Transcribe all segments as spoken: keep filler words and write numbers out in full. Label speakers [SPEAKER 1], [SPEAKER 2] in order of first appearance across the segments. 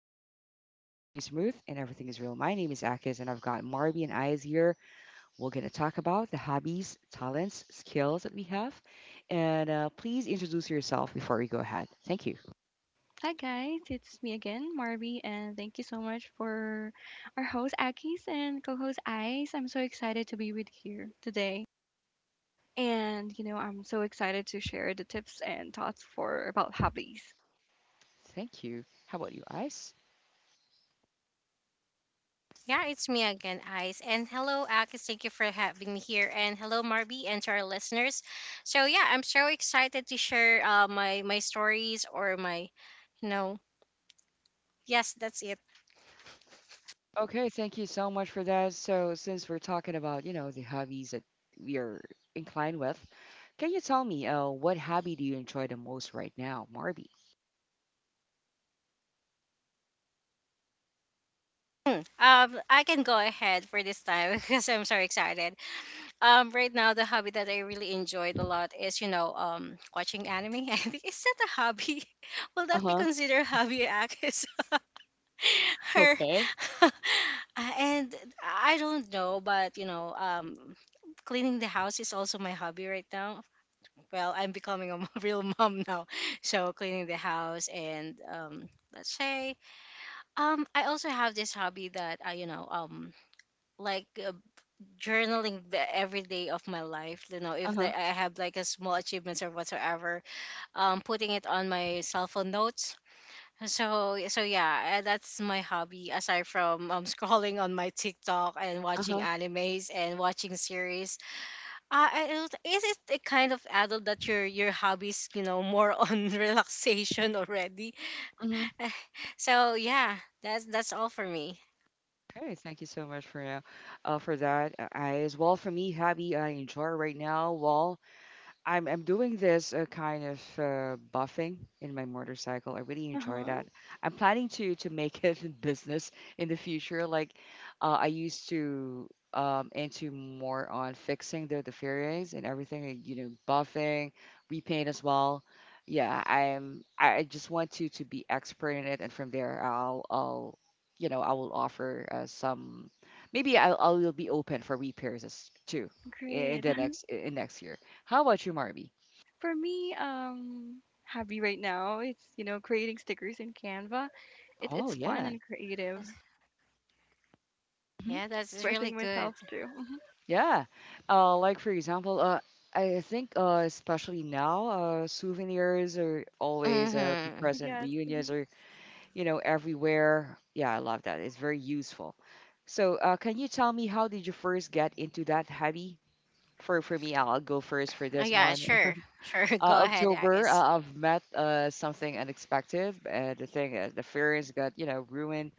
[SPEAKER 1] flow easy and the vibe stays smooth and everything is real. My name is Akis and I've got Marby and Ayaz here. We're gonna talk about the hobbies, talents, skills that we have, and uh, please introduce yourself before we go ahead. Thank you.
[SPEAKER 2] Hi guys, it's me again, Marby, and thank you so much for our host Akis and co-host Ice. I'm so excited to be with here today, and you know I'm so excited to share the tips and thoughts for about hobbies.
[SPEAKER 1] Thank you. How about you, Ice?
[SPEAKER 3] Yeah, it's me again, Ice. And hello, Akis. Thank you for having me here. And hello, Marby, and to our listeners. So yeah, I'm so excited to share uh, my my stories or my you know yes, that's it.
[SPEAKER 1] Okay, thank you so much for that. So since we're talking about you know the hobbies that we are inclined with, can you tell me uh, what hobby do you enjoy the most right now, Marby?
[SPEAKER 3] Hmm. Um, I can go ahead for this time because I'm so excited. Um, right now the hobby that I really enjoyed a lot is you know um watching anime. I think, is that a hobby? Will
[SPEAKER 1] Uh
[SPEAKER 3] that be
[SPEAKER 1] huh.
[SPEAKER 3] considered hobby, Akis? her
[SPEAKER 1] Okay.
[SPEAKER 3] Uh, and I don't know, but you know, um, cleaning the house is also my hobby right now. Well, I'm becoming a m- real mom now, so cleaning the house, and um, let's say, um, I also have this hobby that I, you know, um, like uh, journaling the every day of my life. You know,
[SPEAKER 1] Uh
[SPEAKER 3] if
[SPEAKER 1] huh.
[SPEAKER 3] the, I have like a small achievements or whatsoever, um, putting it on my cell phone notes, so so yeah, eh, that's my hobby aside from um scrolling on my TikTok and watching
[SPEAKER 1] Uh
[SPEAKER 3] animes and watching series. Uh, I- I is it a kind of adult that your your hobbies you know more on relaxation already?
[SPEAKER 1] huh.
[SPEAKER 3] So yeah, that's that's all for me.
[SPEAKER 1] Okay, thank you so much for now, uh, for that. Uh, I as well for me, hobby I enjoy right now. Well, I'm I'm doing this uh, kind of uh, buffing in my motorcycle. I really
[SPEAKER 2] Uh
[SPEAKER 1] enjoy
[SPEAKER 2] huh.
[SPEAKER 1] that. I'm planning to to make it in business in the future. Like uh, I used to um into more on fixing the the fairways and everything and, You know, buffing, repaint as well. Yeah, I'm I I just want to to be expert in it, and from there I'll I'll you know I will offer uh, some. Maybe I'll I'll be open for repairs as- too in
[SPEAKER 2] Great.
[SPEAKER 1] the next in next year. How about you, Marby?
[SPEAKER 2] For me, um, hobby right now it's you know creating stickers in Canva. It,
[SPEAKER 1] Oh
[SPEAKER 2] it's fun
[SPEAKER 1] yeah.
[SPEAKER 2] and creative.
[SPEAKER 1] hmm
[SPEAKER 3] Yeah, that's really
[SPEAKER 2] Expressing
[SPEAKER 3] good.
[SPEAKER 2] myself too. Mhm.
[SPEAKER 1] Yeah. Uh, like for example, uh, I think uh, especially now, uh, souvenirs are always uh, be
[SPEAKER 3] Mm-hmm.
[SPEAKER 2] Uh
[SPEAKER 1] present.
[SPEAKER 2] guess.
[SPEAKER 1] Reunions are, you know, everywhere. Yeah, I love that. It's very useful. So, uh, can you tell me how did you first get into that hobby? For for me, I'll go first for
[SPEAKER 3] Oh,
[SPEAKER 1] this
[SPEAKER 3] yeah,
[SPEAKER 1] one.
[SPEAKER 3] sure, sure.
[SPEAKER 1] Uh,
[SPEAKER 3] Go ahead,
[SPEAKER 1] October,
[SPEAKER 3] Agnes.
[SPEAKER 1] uh, I've met uh, something unexpected. Uh, the thing, uh, the fairies got you know ruined.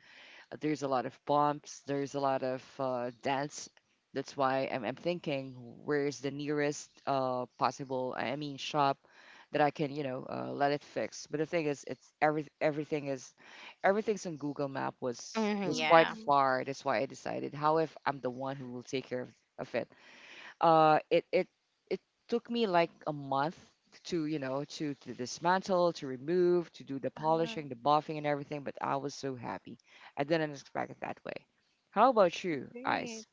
[SPEAKER 1] There's a lot of bumps. There's a lot of uh, dance. That's why I'm, I'm thinking where's the nearest uh, possible, I mean, shop that I can, you know, uh, let it fix. But the thing is, it's every, everything is, everything's on Google Map was
[SPEAKER 3] Mm-hmm,
[SPEAKER 1] was quite
[SPEAKER 3] yeah.
[SPEAKER 2] Mm-hmm.
[SPEAKER 1] far. That's why I decided, how if I'm the one who will take care of, of it? uh, it it it took me like a month to you know to to dismantle, to remove, to do the
[SPEAKER 2] Uh huh.
[SPEAKER 1] polishing, the buffing, and everything. But I was so happy. I didn't expect it that way. How about you,
[SPEAKER 2] Great.
[SPEAKER 1] Ice?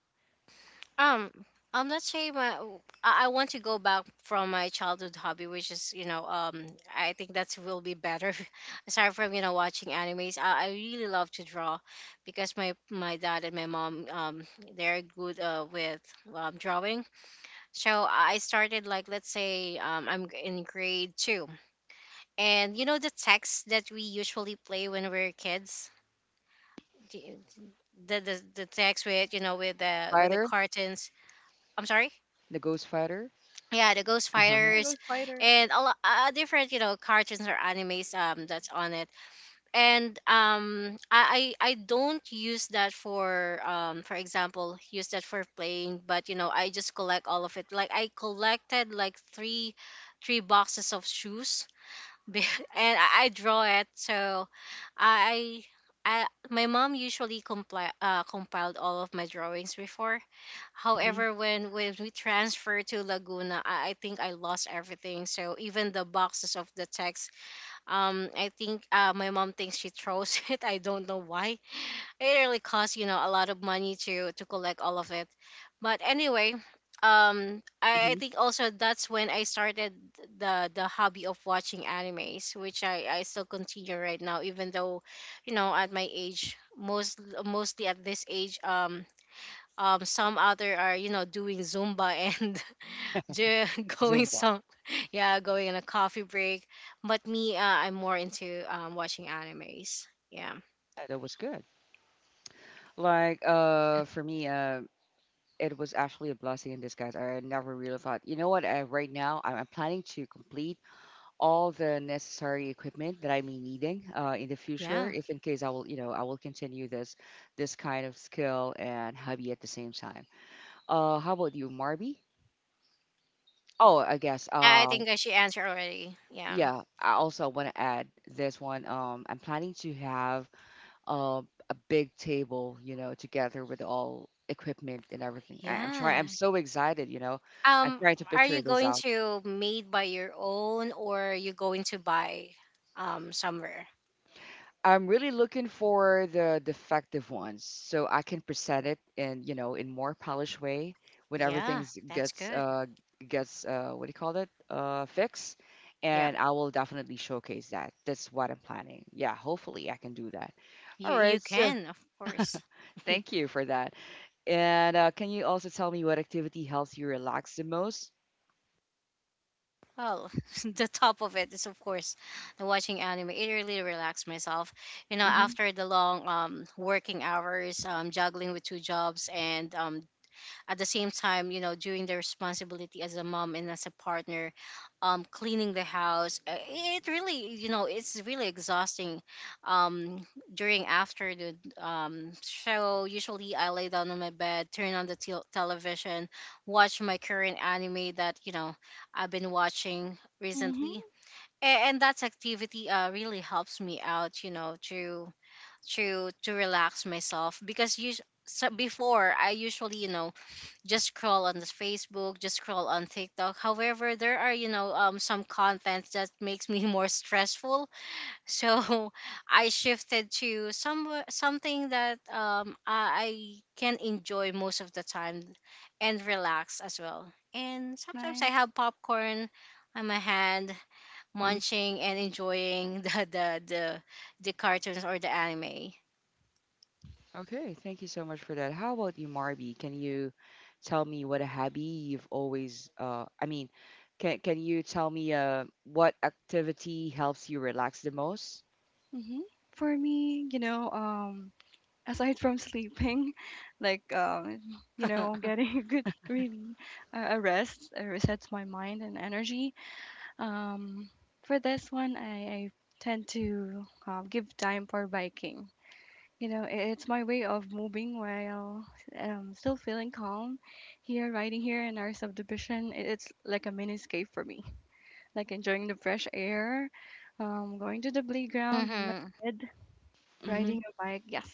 [SPEAKER 3] Um, um, let's say my I I want to go back from my childhood hobby, which is, you know um I think, that's will be better. Aside from you know watching animes, I, I really love to draw because my my dad and my mom um they're good, uh, with, um, drawing. So I started, like, let's say, um I'm g- in grade two, and, you know the text that we usually play when we're kids, the the the, the text with you know with the with the
[SPEAKER 1] Fighter,
[SPEAKER 3] cartoons. I'm sorry.
[SPEAKER 1] the Ghost Fighter?
[SPEAKER 3] Yeah, the Ghost
[SPEAKER 2] Yeah,
[SPEAKER 1] Uh-huh.
[SPEAKER 2] I
[SPEAKER 3] Fighters.
[SPEAKER 2] go spider.
[SPEAKER 3] And a lot, uh, uh, different, you know cartoons or animes, um that's on it, and um I, I i don't use that for um for example, use that for playing, but you know I just collect all of it, like I collected like three three boxes of shoes be- and i, I draw it, so i I, my mom usually compli- uh, compiled all of my drawings before.
[SPEAKER 1] Mhm.
[SPEAKER 3] However, when when we transferred to Laguna, I, I think I lost everything. So even the boxes of the text, um, I think, uh, my mom thinks she throws it. I don't know why. It really costs, you know a lot of money to to collect all of it. But anyway, um, I, I
[SPEAKER 1] hmm
[SPEAKER 3] think also that's when I started the the hobby of watching animes, which I I still continue right now, even though, you know, at my age, most mostly at this age, um um some other are, you know doing zumba, and ju- going
[SPEAKER 1] Zumba.
[SPEAKER 3] some yeah, going on a coffee break, but me, uh, I'm more into um watching animes. Yeah.
[SPEAKER 1] Yeah, that was good. Like uh for me, uh it was actually a blessing in disguise. I never really thought, you know what? I, right now, I'm, I'm planning to complete all the necessary equipment that I may needing uh, in the future,
[SPEAKER 3] Yeah,
[SPEAKER 1] if in case I will, you know, I will continue this this kind of skill and hobby at the same time. Uh, how about you, Marby? Oh, I guess.
[SPEAKER 3] i I
[SPEAKER 1] Uh,
[SPEAKER 3] think I should answer already. Yeah.
[SPEAKER 1] yeah. I also want to add this one. Um, I'm planning to have uh, a big table, you know, together with all equipment and everything. I, I'm
[SPEAKER 3] Yeah,
[SPEAKER 1] trying. I'm so excited, you know. I'm
[SPEAKER 3] um
[SPEAKER 1] trying to
[SPEAKER 3] are
[SPEAKER 1] picture
[SPEAKER 3] you
[SPEAKER 1] this
[SPEAKER 3] going
[SPEAKER 1] out.
[SPEAKER 3] to made by your own, or you going to buy um somewhere?
[SPEAKER 1] I'm really looking for the defective ones so I can present it in, you know, in more polished way when
[SPEAKER 3] Yeah,
[SPEAKER 1] everything
[SPEAKER 3] that's
[SPEAKER 1] gets
[SPEAKER 3] good.
[SPEAKER 1] uh gets uh what do you call it? Uh, fixed.
[SPEAKER 3] Yeah,
[SPEAKER 1] And I will definitely showcase that. That's what I'm planning. Yeah, hopefully I can do that. All
[SPEAKER 3] you you
[SPEAKER 1] right, so
[SPEAKER 3] can, of course.
[SPEAKER 1] thank you for that. And uh, can you also tell me what activity helps you relax the most?
[SPEAKER 3] Well, the top of it is, of course, the watching anime. It really relaxed myself. You know,
[SPEAKER 1] Mm-hmm.
[SPEAKER 3] after the long, um working hours, um juggling with two jobs, and um at the same time, you know doing the responsibility as a mom and as a partner, um cleaning the house, uh, it really you know it's really exhausting, um during — after the um show, usually I lay down on my bed, turn on the tel television, watch my current anime that, you know I've been watching
[SPEAKER 2] Mm-hmm.
[SPEAKER 3] recently. A- and that activity, uh, really helps me out, you know to to to relax myself, because you so before I usually, you know just scroll on the Facebook, just scroll on TikTok. However, there are, you know um some contents that makes me more stressful. So I shifted to some something that, um I, I can enjoy most of the time and relax as well. And
[SPEAKER 2] That's
[SPEAKER 3] sometimes I
[SPEAKER 2] nice.
[SPEAKER 3] have popcorn on my hand, munching and enjoying the the the, the cartoons or the anime.
[SPEAKER 1] Okay, thank you so much for that. How about you, Marby? Can you tell me what a hobby you've always, uh, I mean, can can you tell me uh, what activity helps you relax the most?
[SPEAKER 2] Hmm. For me, you know, um, aside from sleeping, like, um, you know, getting a good, really, uh, a rest, uh, resets my mind and energy. Um, for this one, I, I tend to uh, give time for biking. You know, i- it's my way of moving while um, still feeling calm. Here, riding here in our subdivision, i- it's like a mini escape for me. Like enjoying the fresh air, um, going to the playground with my
[SPEAKER 3] Hmm.
[SPEAKER 2] kid.
[SPEAKER 1] Mm-hmm.
[SPEAKER 2] Riding a bike, yes.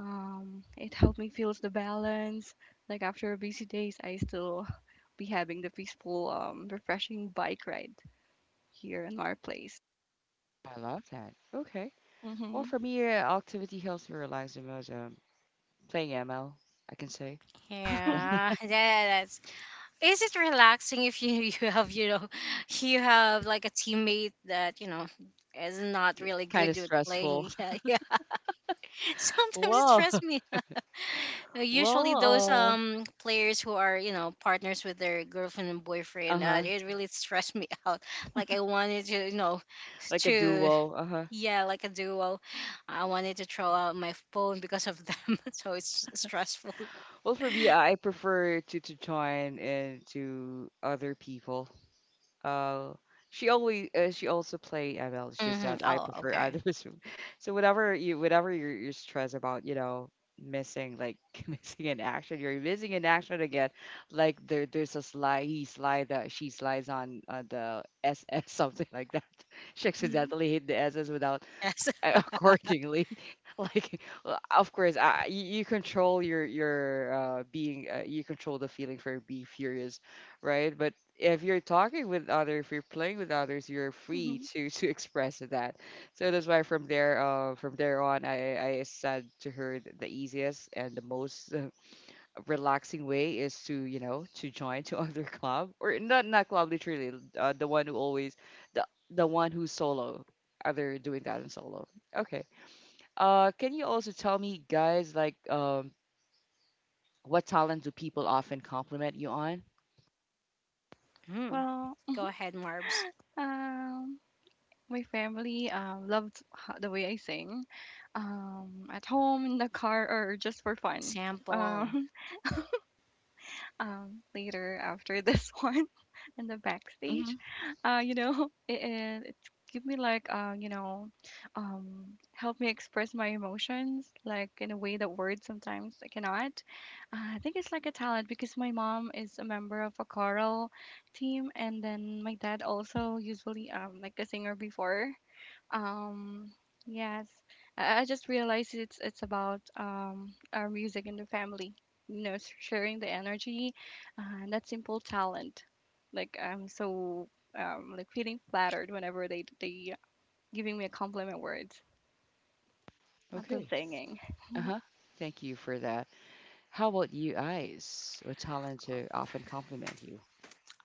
[SPEAKER 2] Um, it helped me feel the balance. Like after busy days, I still be having the peaceful, um, refreshing bike ride here in our place.
[SPEAKER 1] I love that. Okay. Well,
[SPEAKER 2] Mm-hmm.
[SPEAKER 1] for me, uh, activity helps me relax the most. Um, playing M L, I can say.
[SPEAKER 3] Yeah, that, is it relaxing if you you have, you know you have like a teammate that you know is not really
[SPEAKER 1] Kind
[SPEAKER 3] good
[SPEAKER 1] of
[SPEAKER 3] at
[SPEAKER 1] stressful.
[SPEAKER 3] playing? Yeah, yeah. Sometimes it
[SPEAKER 1] Well,
[SPEAKER 3] stresses me. Uh, usually those
[SPEAKER 1] well,
[SPEAKER 3] um players who are, you know partners with their girlfriend and
[SPEAKER 1] uh,
[SPEAKER 3] boyfriend, uh,
[SPEAKER 1] uh-huh.
[SPEAKER 3] it really stressed me out, like I wanted to you know
[SPEAKER 1] Like a
[SPEAKER 3] to
[SPEAKER 1] duo, uh-huh.
[SPEAKER 3] yeah, like a duo. I wanted to throw out my phone because of them. So it's stressful.
[SPEAKER 1] Well, for me, I prefer to to join into other people. Uh, she always uh, she also play M L. It's just
[SPEAKER 3] Hmm.
[SPEAKER 1] that I
[SPEAKER 3] Oh,
[SPEAKER 1] prefer
[SPEAKER 3] okay.
[SPEAKER 1] others. So whatever you whatever you're, you're stressed about, you know, missing like missing an action, you're missing an action again. Like there there's a slide he slide that she slides on uh, the S S something like that. She
[SPEAKER 2] Mm-hmm.
[SPEAKER 1] accidentally hit the S S without
[SPEAKER 3] Yes.
[SPEAKER 1] accordingly. Like, uh, of course, uh, you, you control your your uh, being, uh, you control the feeling for be furious, right? But if you're talking with others, if you're playing with others, you're free
[SPEAKER 2] Mm-hmm.
[SPEAKER 1] to to express that. So that's why from there, uh, from there on, I I said to her th- the easiest and the most relaxing way is to you know to join to other club or not, not club literally, uh, the one who always, the the one who's solo, other doing that in solo. Okay, uh can you also tell me guys like um what talent do people often compliment you on?
[SPEAKER 3] Mm.
[SPEAKER 2] Well,
[SPEAKER 3] Go ahead, Marbs.
[SPEAKER 2] um, my family um, loved ho- the way I sing, um, at home, in the car, or just for fun.
[SPEAKER 3] Sample.
[SPEAKER 2] Um, um, later after this one in the
[SPEAKER 1] Hmm
[SPEAKER 2] backstage. Uh, you know, it, it, it's give me like uh, you know, um, help me express my emotions like in a way that words sometimes I cannot. Uh, I think it's like a talent because my mom is a member of a choral team, and then my dad also usually um like a singer before. Um, yes, I, I just realized it's it's about um our music in the family. You know, s- sharing the energy, uh, and that simple talent. Like I'm so um like feeling flattered whenever they they giving me a compliment words as I'm
[SPEAKER 1] Okay,
[SPEAKER 2] singing.
[SPEAKER 1] uh-huh, thank you for that. How about you guys, what talent
[SPEAKER 3] Uh,
[SPEAKER 1] to often compliment you?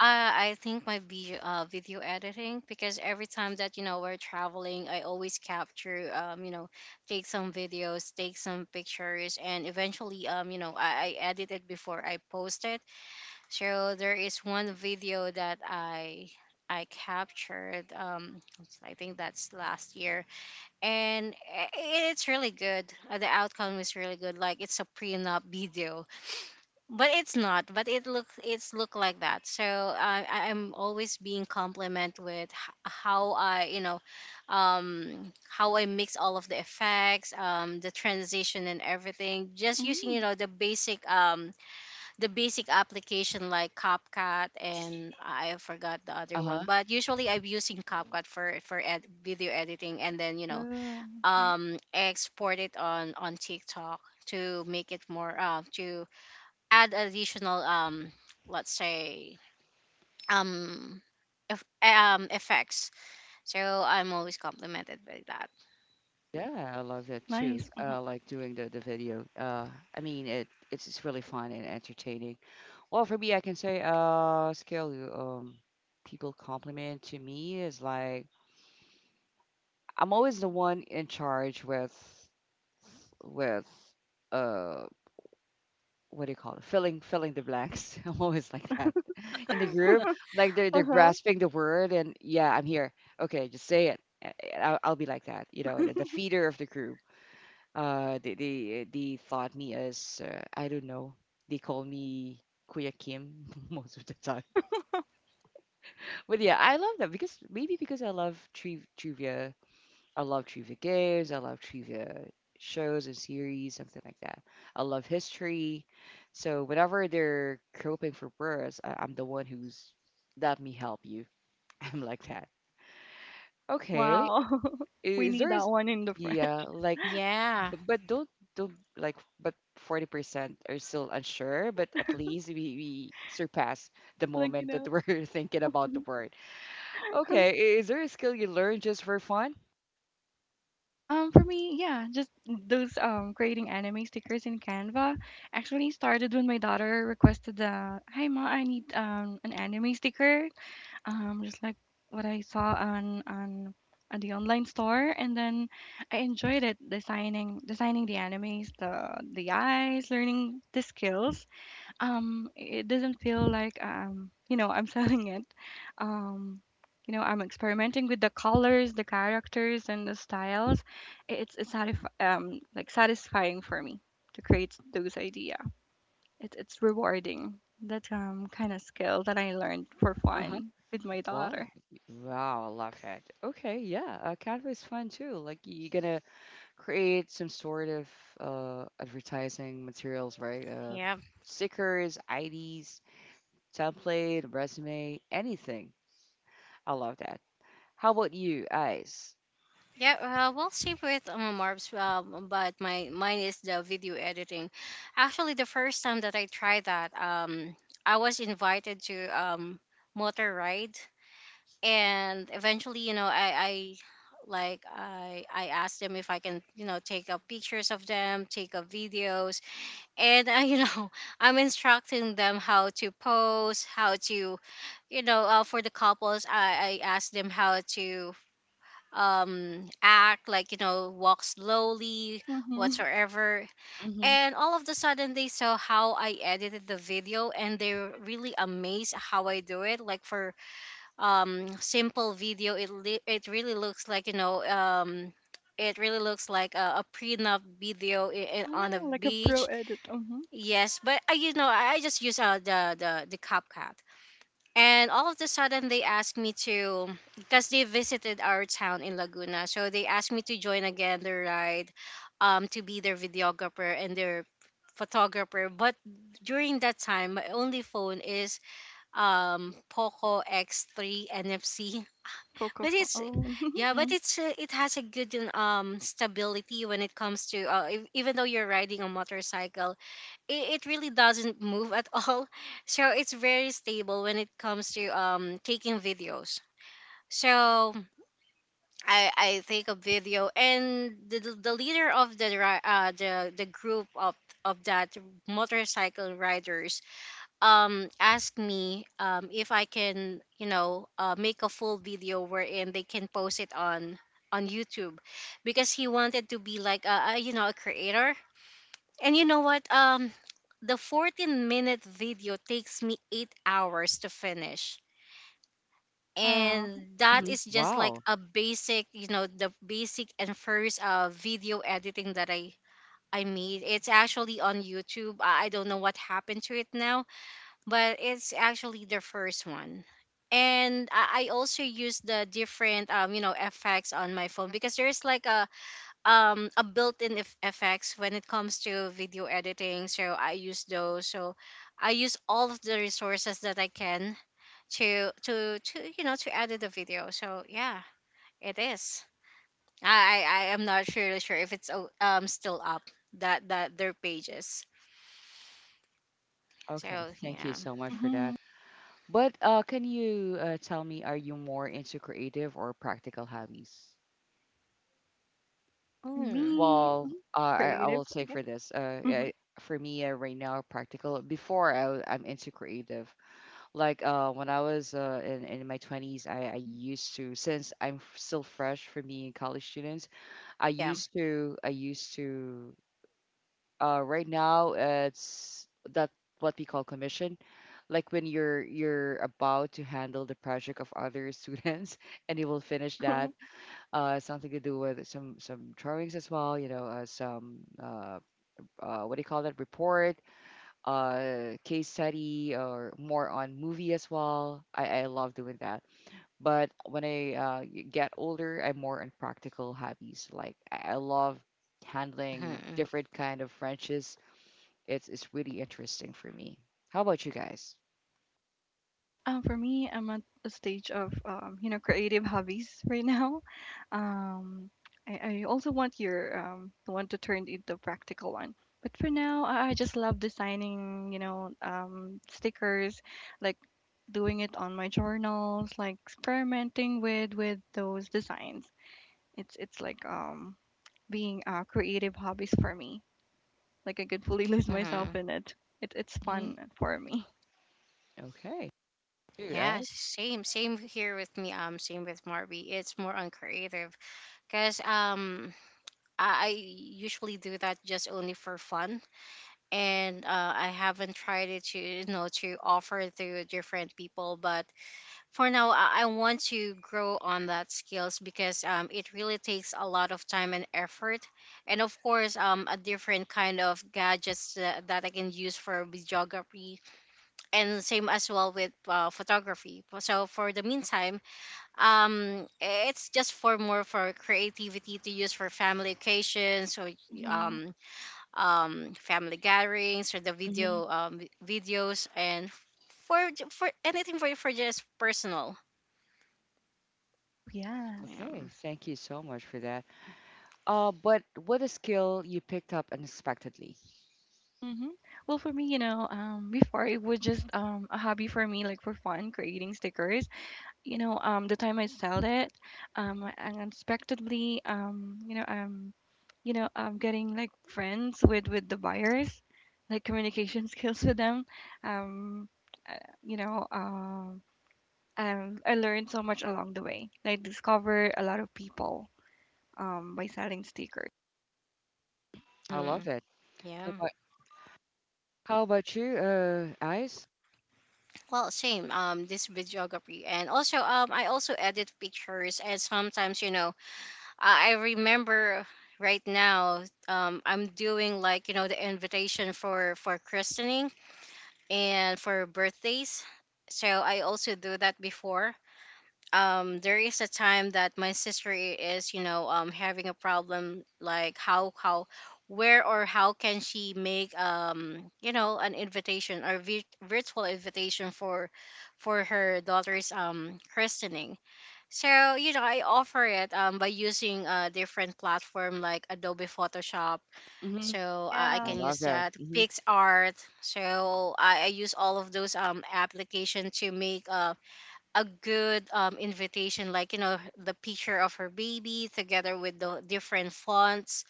[SPEAKER 3] I think my video, uh, video editing, because every time that, you know we're traveling, I always capture, um, you know, take some videos, take some pictures, and eventually, um, you know, I, I edit it before I post it. So there is one video that I I captured. Um, I think that's last year, and i- it's really good. Uh, The outcome is really good. Like, it's a prenup video, but it's not, but it look, it's look like that. So I I- i'm always being compliment with h- how i you know um how I mix all of the effects, um the transition and everything, just using, you
[SPEAKER 2] Mm.
[SPEAKER 3] know the basic um the basic application like CapCut. And I forgot the other
[SPEAKER 1] Uh-huh.
[SPEAKER 3] one, but usually I'm using CapCut for for ed- video editing, and then, you know
[SPEAKER 2] Oh, okay.
[SPEAKER 3] um export it on on TikTok, to make it more, uh to add additional, um let's say, um if, um effects. So I'm always complimented by that.
[SPEAKER 1] Yeah, I love that too.
[SPEAKER 2] Nice.
[SPEAKER 1] uh like doing the the video, uh I mean it it's, it's really fun and entertaining. Well, for me, I can say, uh, scale um, people compliment to me is like I'm always the one in charge with, with, uh, what do you call it? Filling, filling the blanks. I'm always like that in the group. Like they're
[SPEAKER 2] Uh
[SPEAKER 1] they're
[SPEAKER 2] huh.
[SPEAKER 1] grasping the word, and yeah, I'm here. Okay, just say it. i a- I'll, I'll be like that. You know, the, the feeder of the group. Uh, they they they thought me as uh, I don't know. They call me Kuya Kim most of the time. But yeah, I love that because maybe because I love tri- trivia. I love trivia games. I love trivia shows and series, something like that. I love history. So whenever they're coping for births, I- I'm the one who's let me help you. I'm like that. Okay,
[SPEAKER 2] Wow. We
[SPEAKER 1] is
[SPEAKER 2] need
[SPEAKER 1] there
[SPEAKER 2] that
[SPEAKER 1] is
[SPEAKER 2] one in the French.
[SPEAKER 1] yeah like
[SPEAKER 3] Yeah,
[SPEAKER 1] but, but don't don't like but forty percent are still unsure but at least we, we surpass the
[SPEAKER 2] Like you
[SPEAKER 1] moment
[SPEAKER 2] know.
[SPEAKER 1] that we're thinking about the word. Okay, i- is there a skill you learned just for fun?
[SPEAKER 2] Um, for me, yeah, just those um creating anime stickers in Canva actually started when my daughter requested the Hi Ma, I need um an anime sticker. Um, just like what I saw on on on the online store, and then I enjoyed it designing designing the animes, the the eyes, learning the skills. um it doesn't feel like um you know I'm selling it. um you know I'm experimenting with the colors, the characters and the styles. It's it's satisf- um like satisfying for me to create those idea. It's it's rewarding, that um kind of skill that I learned for
[SPEAKER 1] Uh-huh.
[SPEAKER 2] fun with my
[SPEAKER 1] Well,
[SPEAKER 2] daughter.
[SPEAKER 1] wow, I love that. Okay, yeah, uh, Canva is fun too. Like y- you're gonna create some sort of uh advertising materials, right? Uh,
[SPEAKER 3] yeah,
[SPEAKER 1] stickers, I Ds, template, resume, anything. I love that. How about you, Ice?
[SPEAKER 3] yeah. Uh, well, same with, um, Marbs, um, but my mine is the video editing. Actually, the first time that I tried that, um I was invited to, um motor ride, and eventually, you know I I like, I I asked them if I can, you know take up pictures of them, take up videos, and, uh, you know I'm instructing them how to pose, how to — you know uh, for the couples i i ask them how to um act, like, you know walk slowly,
[SPEAKER 2] Mm-hmm.
[SPEAKER 3] whatsoever,
[SPEAKER 1] Mm-hmm.
[SPEAKER 3] and all of the sudden they saw how I edited the video, and they're really amazed how I do it. Like, for um simple video, it li- it really looks like, you know um it really looks like a, a prenup video, i i- on a
[SPEAKER 2] Oh, like a pro
[SPEAKER 3] beach.
[SPEAKER 2] edit. Mm-hmm.
[SPEAKER 3] Yes, but I you know I I just use, uh, the the the CapCut, and all of a sudden they asked me to, because they visited our town in Laguna, so they asked me to join again the ride, um, to be their videographer and their photographer. But during that time, my only phone is um Poco X three N F C,
[SPEAKER 2] Poco
[SPEAKER 3] but
[SPEAKER 2] fo-
[SPEAKER 3] it's
[SPEAKER 2] oh.
[SPEAKER 3] yeah, but it's uh, it has a good um stability when it comes to, uh, ev- even though you're riding a motorcycle, it, it really doesn't move at all. So it's very stable when it comes to um taking videos. So I I take a video, and the the the leader of the ri- uh the the group of of that motorcycle riders, um asked me, um if I can, you know uh, make a full video wherein they can post it on on YouTube, because he wanted to be like a, a you know a creator. And you know what? Um, the 14 minute video takes me eight hours to finish.
[SPEAKER 2] Wow.
[SPEAKER 3] And that
[SPEAKER 1] Mm-hmm.
[SPEAKER 3] is just like
[SPEAKER 1] Wow.
[SPEAKER 3] a basic, you know, the basic and first, uh, video editing that I I made. It's actually on YouTube. I I don't know what happened to it now, but it's actually the first one. And I I also use the different, um, you know, effects on my phone, because there's like a um a built-in ef- effects when it comes to video editing, so I use those, so I use all of the resources that I can to to to you know to edit the video, so yeah, it is I I, I am not really sure if it's o- um still up, that that their pages,
[SPEAKER 1] Okay,
[SPEAKER 3] so
[SPEAKER 1] thank you
[SPEAKER 3] yeah.
[SPEAKER 1] so much for
[SPEAKER 2] Mm-hmm.
[SPEAKER 1] that. But uh, can you uh, tell me, are you more into creative or practical hobbies?
[SPEAKER 2] For
[SPEAKER 3] Mm,
[SPEAKER 2] me,
[SPEAKER 1] Well, uh, I, I
[SPEAKER 2] creative,
[SPEAKER 1] will
[SPEAKER 2] I
[SPEAKER 1] say
[SPEAKER 2] guess.
[SPEAKER 1] for this. Uh,
[SPEAKER 2] Mm-hmm.
[SPEAKER 1] I, for me, uh, right now, practical. Before I, w- I'm into creative. Like uh, when I was uh, in in my twenties, I, I used to, since I'm f- still fresh for being college students. I
[SPEAKER 3] yeah.
[SPEAKER 1] used to I used to uh, right now it's that what we call commission. Like when you're you're about to handle the project of other students and you will finish that uh, something to do with some some drawings as well. You know, uh, some uh, uh, what do you call that report, uh, case study, or more on movie as well. I, I love doing that. But when I uh, y- get older, I'm more on practical hobbies. Like I I love handling
[SPEAKER 3] Hmm,
[SPEAKER 1] different kind of Frenches. It's it's really interesting for me. How about you guys?
[SPEAKER 2] Um, for me, I'm at a stage of um, you know creative hobbies right now. Um, I, I also want your um, want to turn into practical one. But for now, I I just love designing, you know, um, stickers, like doing it on my journals, like experimenting with with those designs. It's it's like um, being uh, creative hobbies for me. Like I could fully lose myself
[SPEAKER 3] hmm.
[SPEAKER 2] in it. It it's
[SPEAKER 1] Hmm
[SPEAKER 2] fun for me.
[SPEAKER 1] Okay, you
[SPEAKER 3] Yeah.
[SPEAKER 1] guys.
[SPEAKER 3] Same same here with me, um same with Marby. It's more on creative, because um I I usually do that just only for fun, and uh, I haven't tried it to you know to offer to different people. But for now, I, I want to grow on that skills, because um, it really takes a lot of time and effort, and of course, um, a different kind of gadgets that, that I can use for videography, and same as well with, uh, photography. So for the meantime um it's just for more, for creativity to use for family occasions or
[SPEAKER 2] Mm-hmm.
[SPEAKER 3] um um family gatherings or the video
[SPEAKER 1] Hmm
[SPEAKER 3] um videos and for for anything, for for just personal.
[SPEAKER 2] Oh yes.
[SPEAKER 1] Okay,
[SPEAKER 3] um
[SPEAKER 1] thank you so much for that. Uh, but what a skill you picked up unexpectedly.
[SPEAKER 2] Mm-hmm. Well, for me, you know, um, before it was just um, a hobby for me, like for fun, creating stickers. You know, um, the time I sold it, um, unexpectedly, um, you know, um, you know, um, getting like friends with with the buyers, like communication skills with them. Um, uh, you know, um, um, I learned so much along the way. Like discover a lot of people um by selling stickers.
[SPEAKER 1] I love
[SPEAKER 3] mm,
[SPEAKER 1] it. How
[SPEAKER 3] yeah.
[SPEAKER 1] about, how about you, uh, Ice?
[SPEAKER 3] Well, same, um this videography, and also um I also edit pictures, and sometimes you know i, I remember right now. um I'm doing, like, you know the invitation for for christening and for birthdays. So I also do that before. Um, there is a time that my sister is, you know, um, having a problem, like how how where or how can she make, um you know an invitation or vi- virtual invitation for for her daughter's um christening. So you know I offer it, um by using a different platform like Adobe Photoshop,
[SPEAKER 1] Mm-hmm.
[SPEAKER 3] so I I
[SPEAKER 1] I
[SPEAKER 2] Yeah.
[SPEAKER 3] can
[SPEAKER 1] love
[SPEAKER 3] use
[SPEAKER 1] that.
[SPEAKER 3] that
[SPEAKER 1] Mm-hmm.
[SPEAKER 3] PixArt. So I, I use all of those, um application, to make uh, a good, um invitation, like you know the picture of her baby together with the different fonts,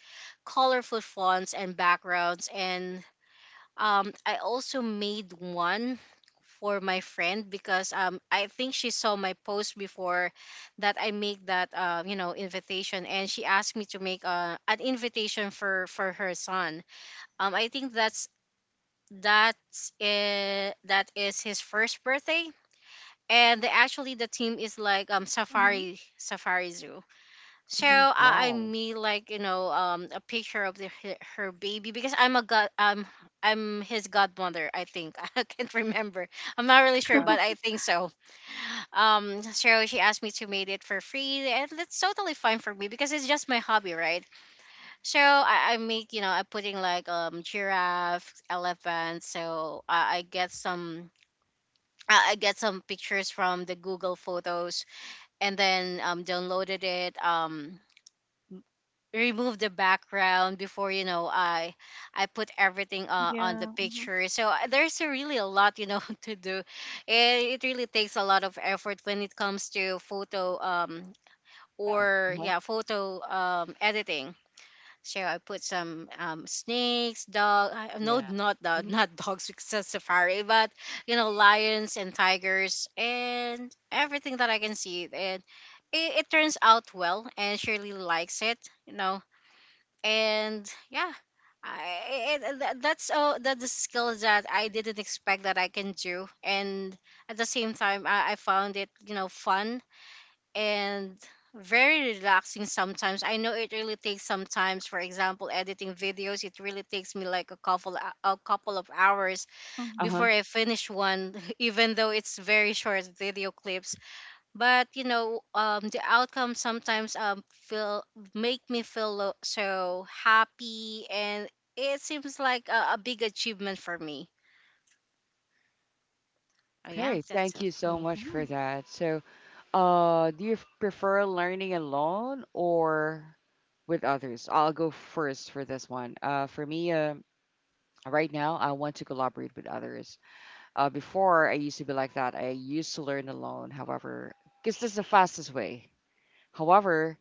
[SPEAKER 3] colorful fonts and backgrounds. And um I also made one for my friend, because um I think she saw my post before, that I make that, uh, you know invitation, and she asked me to make uh, an invitation for for her son. um, I think that's that's uh, that is his first birthday, and the, actually the team is like, um
[SPEAKER 2] Mm-hmm.
[SPEAKER 3] safari safari zoo. So
[SPEAKER 1] Mm-hmm.
[SPEAKER 3] I, I
[SPEAKER 1] Wow.
[SPEAKER 3] made, like, you know um a picture of the, her, her baby, because I'm a god um I'm his godmother, I think. I can't remember. I'm not really sure,
[SPEAKER 1] Uh,
[SPEAKER 3] but I think so. Um, so she asked me to make it for free, and that's totally fine for me because it's just my hobby, right? So I, I make, you know I'm putting, like, um giraffe, elephant. So I, I get some I I get some pictures from the Google Photos, and then um downloaded it, um remove the background before you know I I put everything uh, on the
[SPEAKER 2] Yeah. Mm-hmm.
[SPEAKER 3] picture. So I- there's a really a lot, you know to do. It, it really takes a lot of effort when it comes to photo, um or
[SPEAKER 1] yeah. Uh-huh.
[SPEAKER 3] yeah, photo um editing. So I put some, um, snakes, dog. I- No,
[SPEAKER 1] Yeah.
[SPEAKER 3] not dog
[SPEAKER 1] Mm-hmm.
[SPEAKER 3] not dogs because it's safari, but you know, lions and tigers and everything that I can see. And it, it turns out well, and Shirley likes it. You know, and yeah, I, it, it- that- that's uh, that's a skill that I didn't expect that I can do, and at the same time, I, I found it, you know fun and very relaxing sometimes. I know it really takes sometimes, for example, editing videos, it really takes me like a couple a couple of hours
[SPEAKER 2] Mm-hmm.
[SPEAKER 1] Uh-huh.
[SPEAKER 3] before I finish one, even though it's very short video clips. But you know, um, the outcome sometimes, um feel make me feel lo- so happy, and it seems like a, a big achievement for me. Oh yeah,
[SPEAKER 1] Okay,
[SPEAKER 3] that's
[SPEAKER 1] thank
[SPEAKER 3] it
[SPEAKER 1] you
[SPEAKER 3] for
[SPEAKER 1] so
[SPEAKER 2] That's
[SPEAKER 3] me.
[SPEAKER 1] much for
[SPEAKER 2] nice.
[SPEAKER 1] that. So, uh, do you f- prefer learning alone or with others? I'll go first for this one. Uh, for me, uh, right now, I want to collaborate with others. Uh, before I used to be like that. I used to learn alone. However, because this is the fastest way. However,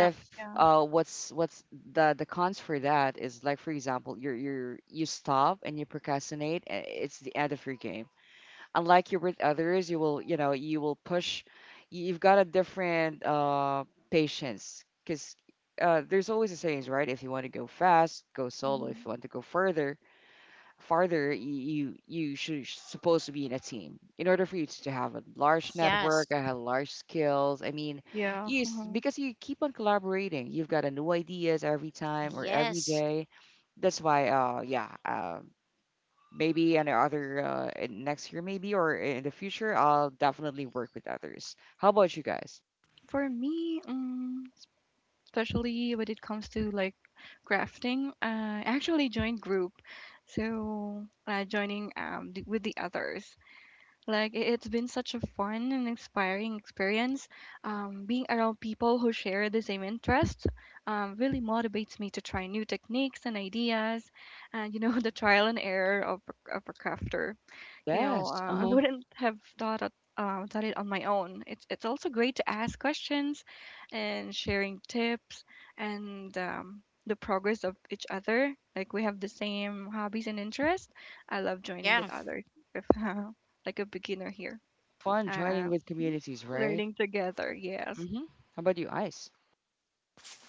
[SPEAKER 3] Yeah.
[SPEAKER 2] Yeah.
[SPEAKER 1] uh, what's what's the the cons for that is like for example, you're you're you stop and you procrastinate. eh, It's the end of your game. Unlike you with others, you will you know you will push. you- You've got a different uh, patience because. Uh, there's always a sayings, right? If you want to go fast, go solo. If
[SPEAKER 2] Mhm.
[SPEAKER 1] you want to go further, farther y- you you should supposed to be in a team in order for you to have a large network
[SPEAKER 3] Yes.
[SPEAKER 1] and have large skills i mean
[SPEAKER 2] Yeah.
[SPEAKER 1] yes,
[SPEAKER 2] Mhm.
[SPEAKER 1] because you keep on collaborating, you've got a new ideas every time or every
[SPEAKER 3] Yes.
[SPEAKER 1] day. That's why uh yeah uh, maybe in other uh, in next year maybe or in the future, I'll definitely work with others. How about you guys?
[SPEAKER 2] For me, mm, especially when it comes to like crafting, I actually joined group. So, uh, joining um th- with the others. Like it- it's been such a fun and inspiring experience. Um, being around people who share the same interests um, really motivates me to try new techniques and ideas, and you know the trial and error of of a crafter. You know,
[SPEAKER 1] Yes,
[SPEAKER 2] uh, I
[SPEAKER 1] uh-huh.
[SPEAKER 2] wouldn't have thought of, uh, done it on my own. It's it's also great to ask questions, and sharing tips and um, the progress of each other. Like we have the same hobbies and interests. I love joining
[SPEAKER 3] Yeah.
[SPEAKER 2] with others, if like a beginner here.
[SPEAKER 1] Fun joining
[SPEAKER 2] Uh, mhm.
[SPEAKER 1] with communities, right?
[SPEAKER 2] Learning together, yes.
[SPEAKER 1] Mm-hmm. How about you, Ice?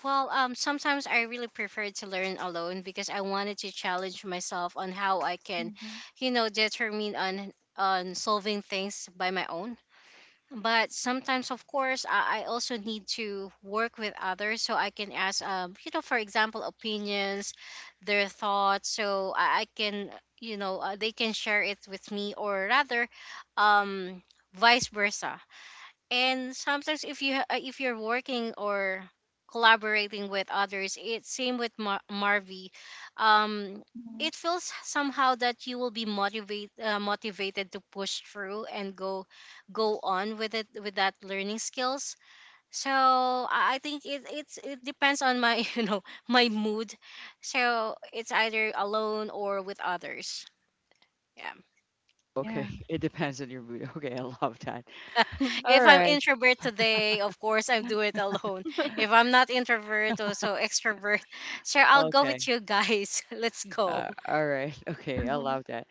[SPEAKER 3] Well, um, sometimes I really prefer to learn alone because I wanted to challenge myself on how I can,
[SPEAKER 2] Hmm.
[SPEAKER 3] you know, determine on on solving things by my own. But sometimes, of course, I, I also need to work with others, so I can ask, um, you know, for example, opinions, their thoughts, so I, I can, you know, uh, they can share it with me, or rather, um, vice versa. And sometimes, if you ha- uh, if you're working or collaborating with others, it's same with Mar- marvi. um
[SPEAKER 2] Hmm.
[SPEAKER 3] it feels somehow that you will be motivate, uh, motivated to push through and go go on with it, with that learning skills. So i I think it it's it depends on my you know my mood, so it's either alone or with others, yeah.
[SPEAKER 1] Okay,
[SPEAKER 2] Yeah.
[SPEAKER 1] it depends on your mood. Okay, I love that. All
[SPEAKER 3] If I'm
[SPEAKER 1] right.
[SPEAKER 3] introvert today, of course I'm do it alone. If I'm not introvert, also extrovert. Sure, I'll go with
[SPEAKER 1] Okay.
[SPEAKER 3] you guys. Let's go.
[SPEAKER 1] Uh, all right. Okay. I love that.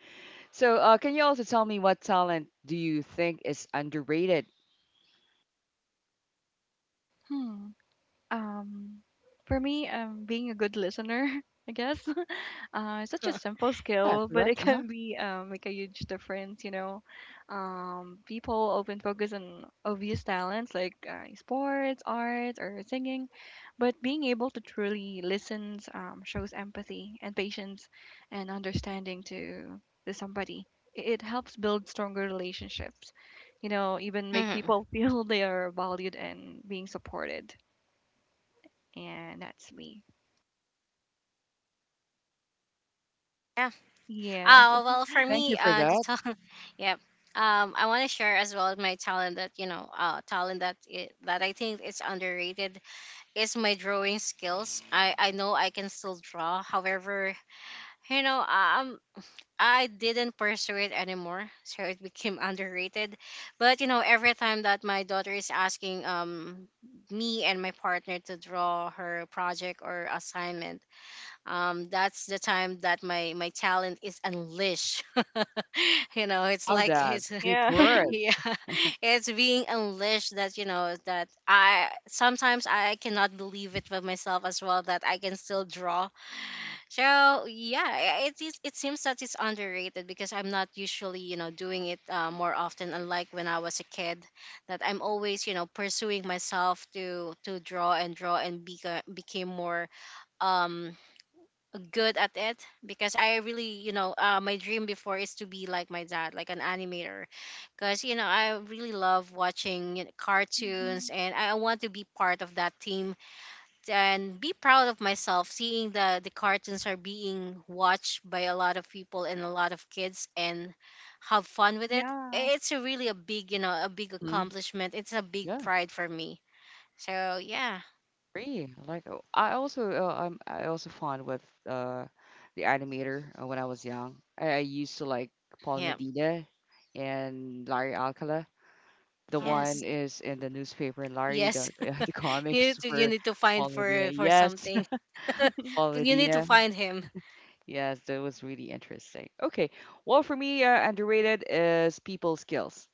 [SPEAKER 1] So, uh, can you also tell me, what talent do you think is underrated?
[SPEAKER 2] Hmm. Um, for me, um, being a good listener, I guess, uh, it's such a simple
[SPEAKER 1] Yeah,
[SPEAKER 2] skill, but
[SPEAKER 1] correct.
[SPEAKER 2] it
[SPEAKER 1] Uh huh.
[SPEAKER 2] can be um, make a huge difference. You know, um, people often focus on obvious talents like uh, sports, arts, or singing, but being able to truly listen um, shows empathy and patience and understanding to to somebody. It it helps build stronger relationships, you know, even make
[SPEAKER 3] Hmm.
[SPEAKER 2] people feel they are valued and being supported, and that's me.
[SPEAKER 3] Yeah.
[SPEAKER 2] Yes.
[SPEAKER 3] Uh, well, for
[SPEAKER 1] Thank you
[SPEAKER 3] me,
[SPEAKER 1] for
[SPEAKER 3] uh, the
[SPEAKER 1] that.
[SPEAKER 3] talent. Yeah. Um, I want to share as well my talent that, you know, uh, talent that i that I think is underrated, is my drawing skills. I I know I can still draw. However, you know, um, I didn't pursue it anymore, so it became underrated. But you know, every time that my daughter is asking, um me and my partner to draw her project or assignment, um, that's the time that my my talent is unleashed. you know, it's
[SPEAKER 1] Love
[SPEAKER 3] like
[SPEAKER 1] that.
[SPEAKER 3] it's
[SPEAKER 1] Deep
[SPEAKER 2] Yeah.
[SPEAKER 1] word.
[SPEAKER 3] Yeah, it's being unleashed that, you know that I sometimes I cannot believe it for myself as well, that I can still draw. So yeah, i- it is. It seems that it's underrated because I'm not usually, you know, doing it, uh, more often. Unlike when I was a kid, that I'm always, you know, pursuing myself to to draw and draw, and beca- became more, um good at it, because I really, you know, uh, my dream before is to be like my dad, like an animator, because you know I really love watching, you know,
[SPEAKER 2] Hmm.
[SPEAKER 3] cartoons, and I want to be part of that team and be proud of myself seeing the the cartoons are being watched by a lot of people and a lot of kids and have fun with it.
[SPEAKER 2] Yeah.
[SPEAKER 3] It's a really a big, you know a big
[SPEAKER 1] Mhm.
[SPEAKER 3] accomplishment. It's a big
[SPEAKER 1] Yeah.
[SPEAKER 3] pride for me. So yeah,
[SPEAKER 1] Free. I like, oh, I also uh, I'm I also fond with uh the animator uh, when I was young. I, I used to like Paul
[SPEAKER 3] yeah,
[SPEAKER 1] Medina and Larry Alcala. The
[SPEAKER 2] Wow.
[SPEAKER 1] one
[SPEAKER 3] yes,
[SPEAKER 1] is in the newspaper, and Larry the
[SPEAKER 3] yes.
[SPEAKER 1] the
[SPEAKER 3] You
[SPEAKER 1] comics
[SPEAKER 3] need to, you
[SPEAKER 1] for
[SPEAKER 3] need to find
[SPEAKER 1] Paul Medina.
[SPEAKER 3] for for
[SPEAKER 1] Yes,
[SPEAKER 3] something,
[SPEAKER 1] Paul
[SPEAKER 3] but you need to
[SPEAKER 1] Medina.
[SPEAKER 3] find him.
[SPEAKER 1] Yes, that was really interesting. Okay, well, for me, uh, underrated is people skills.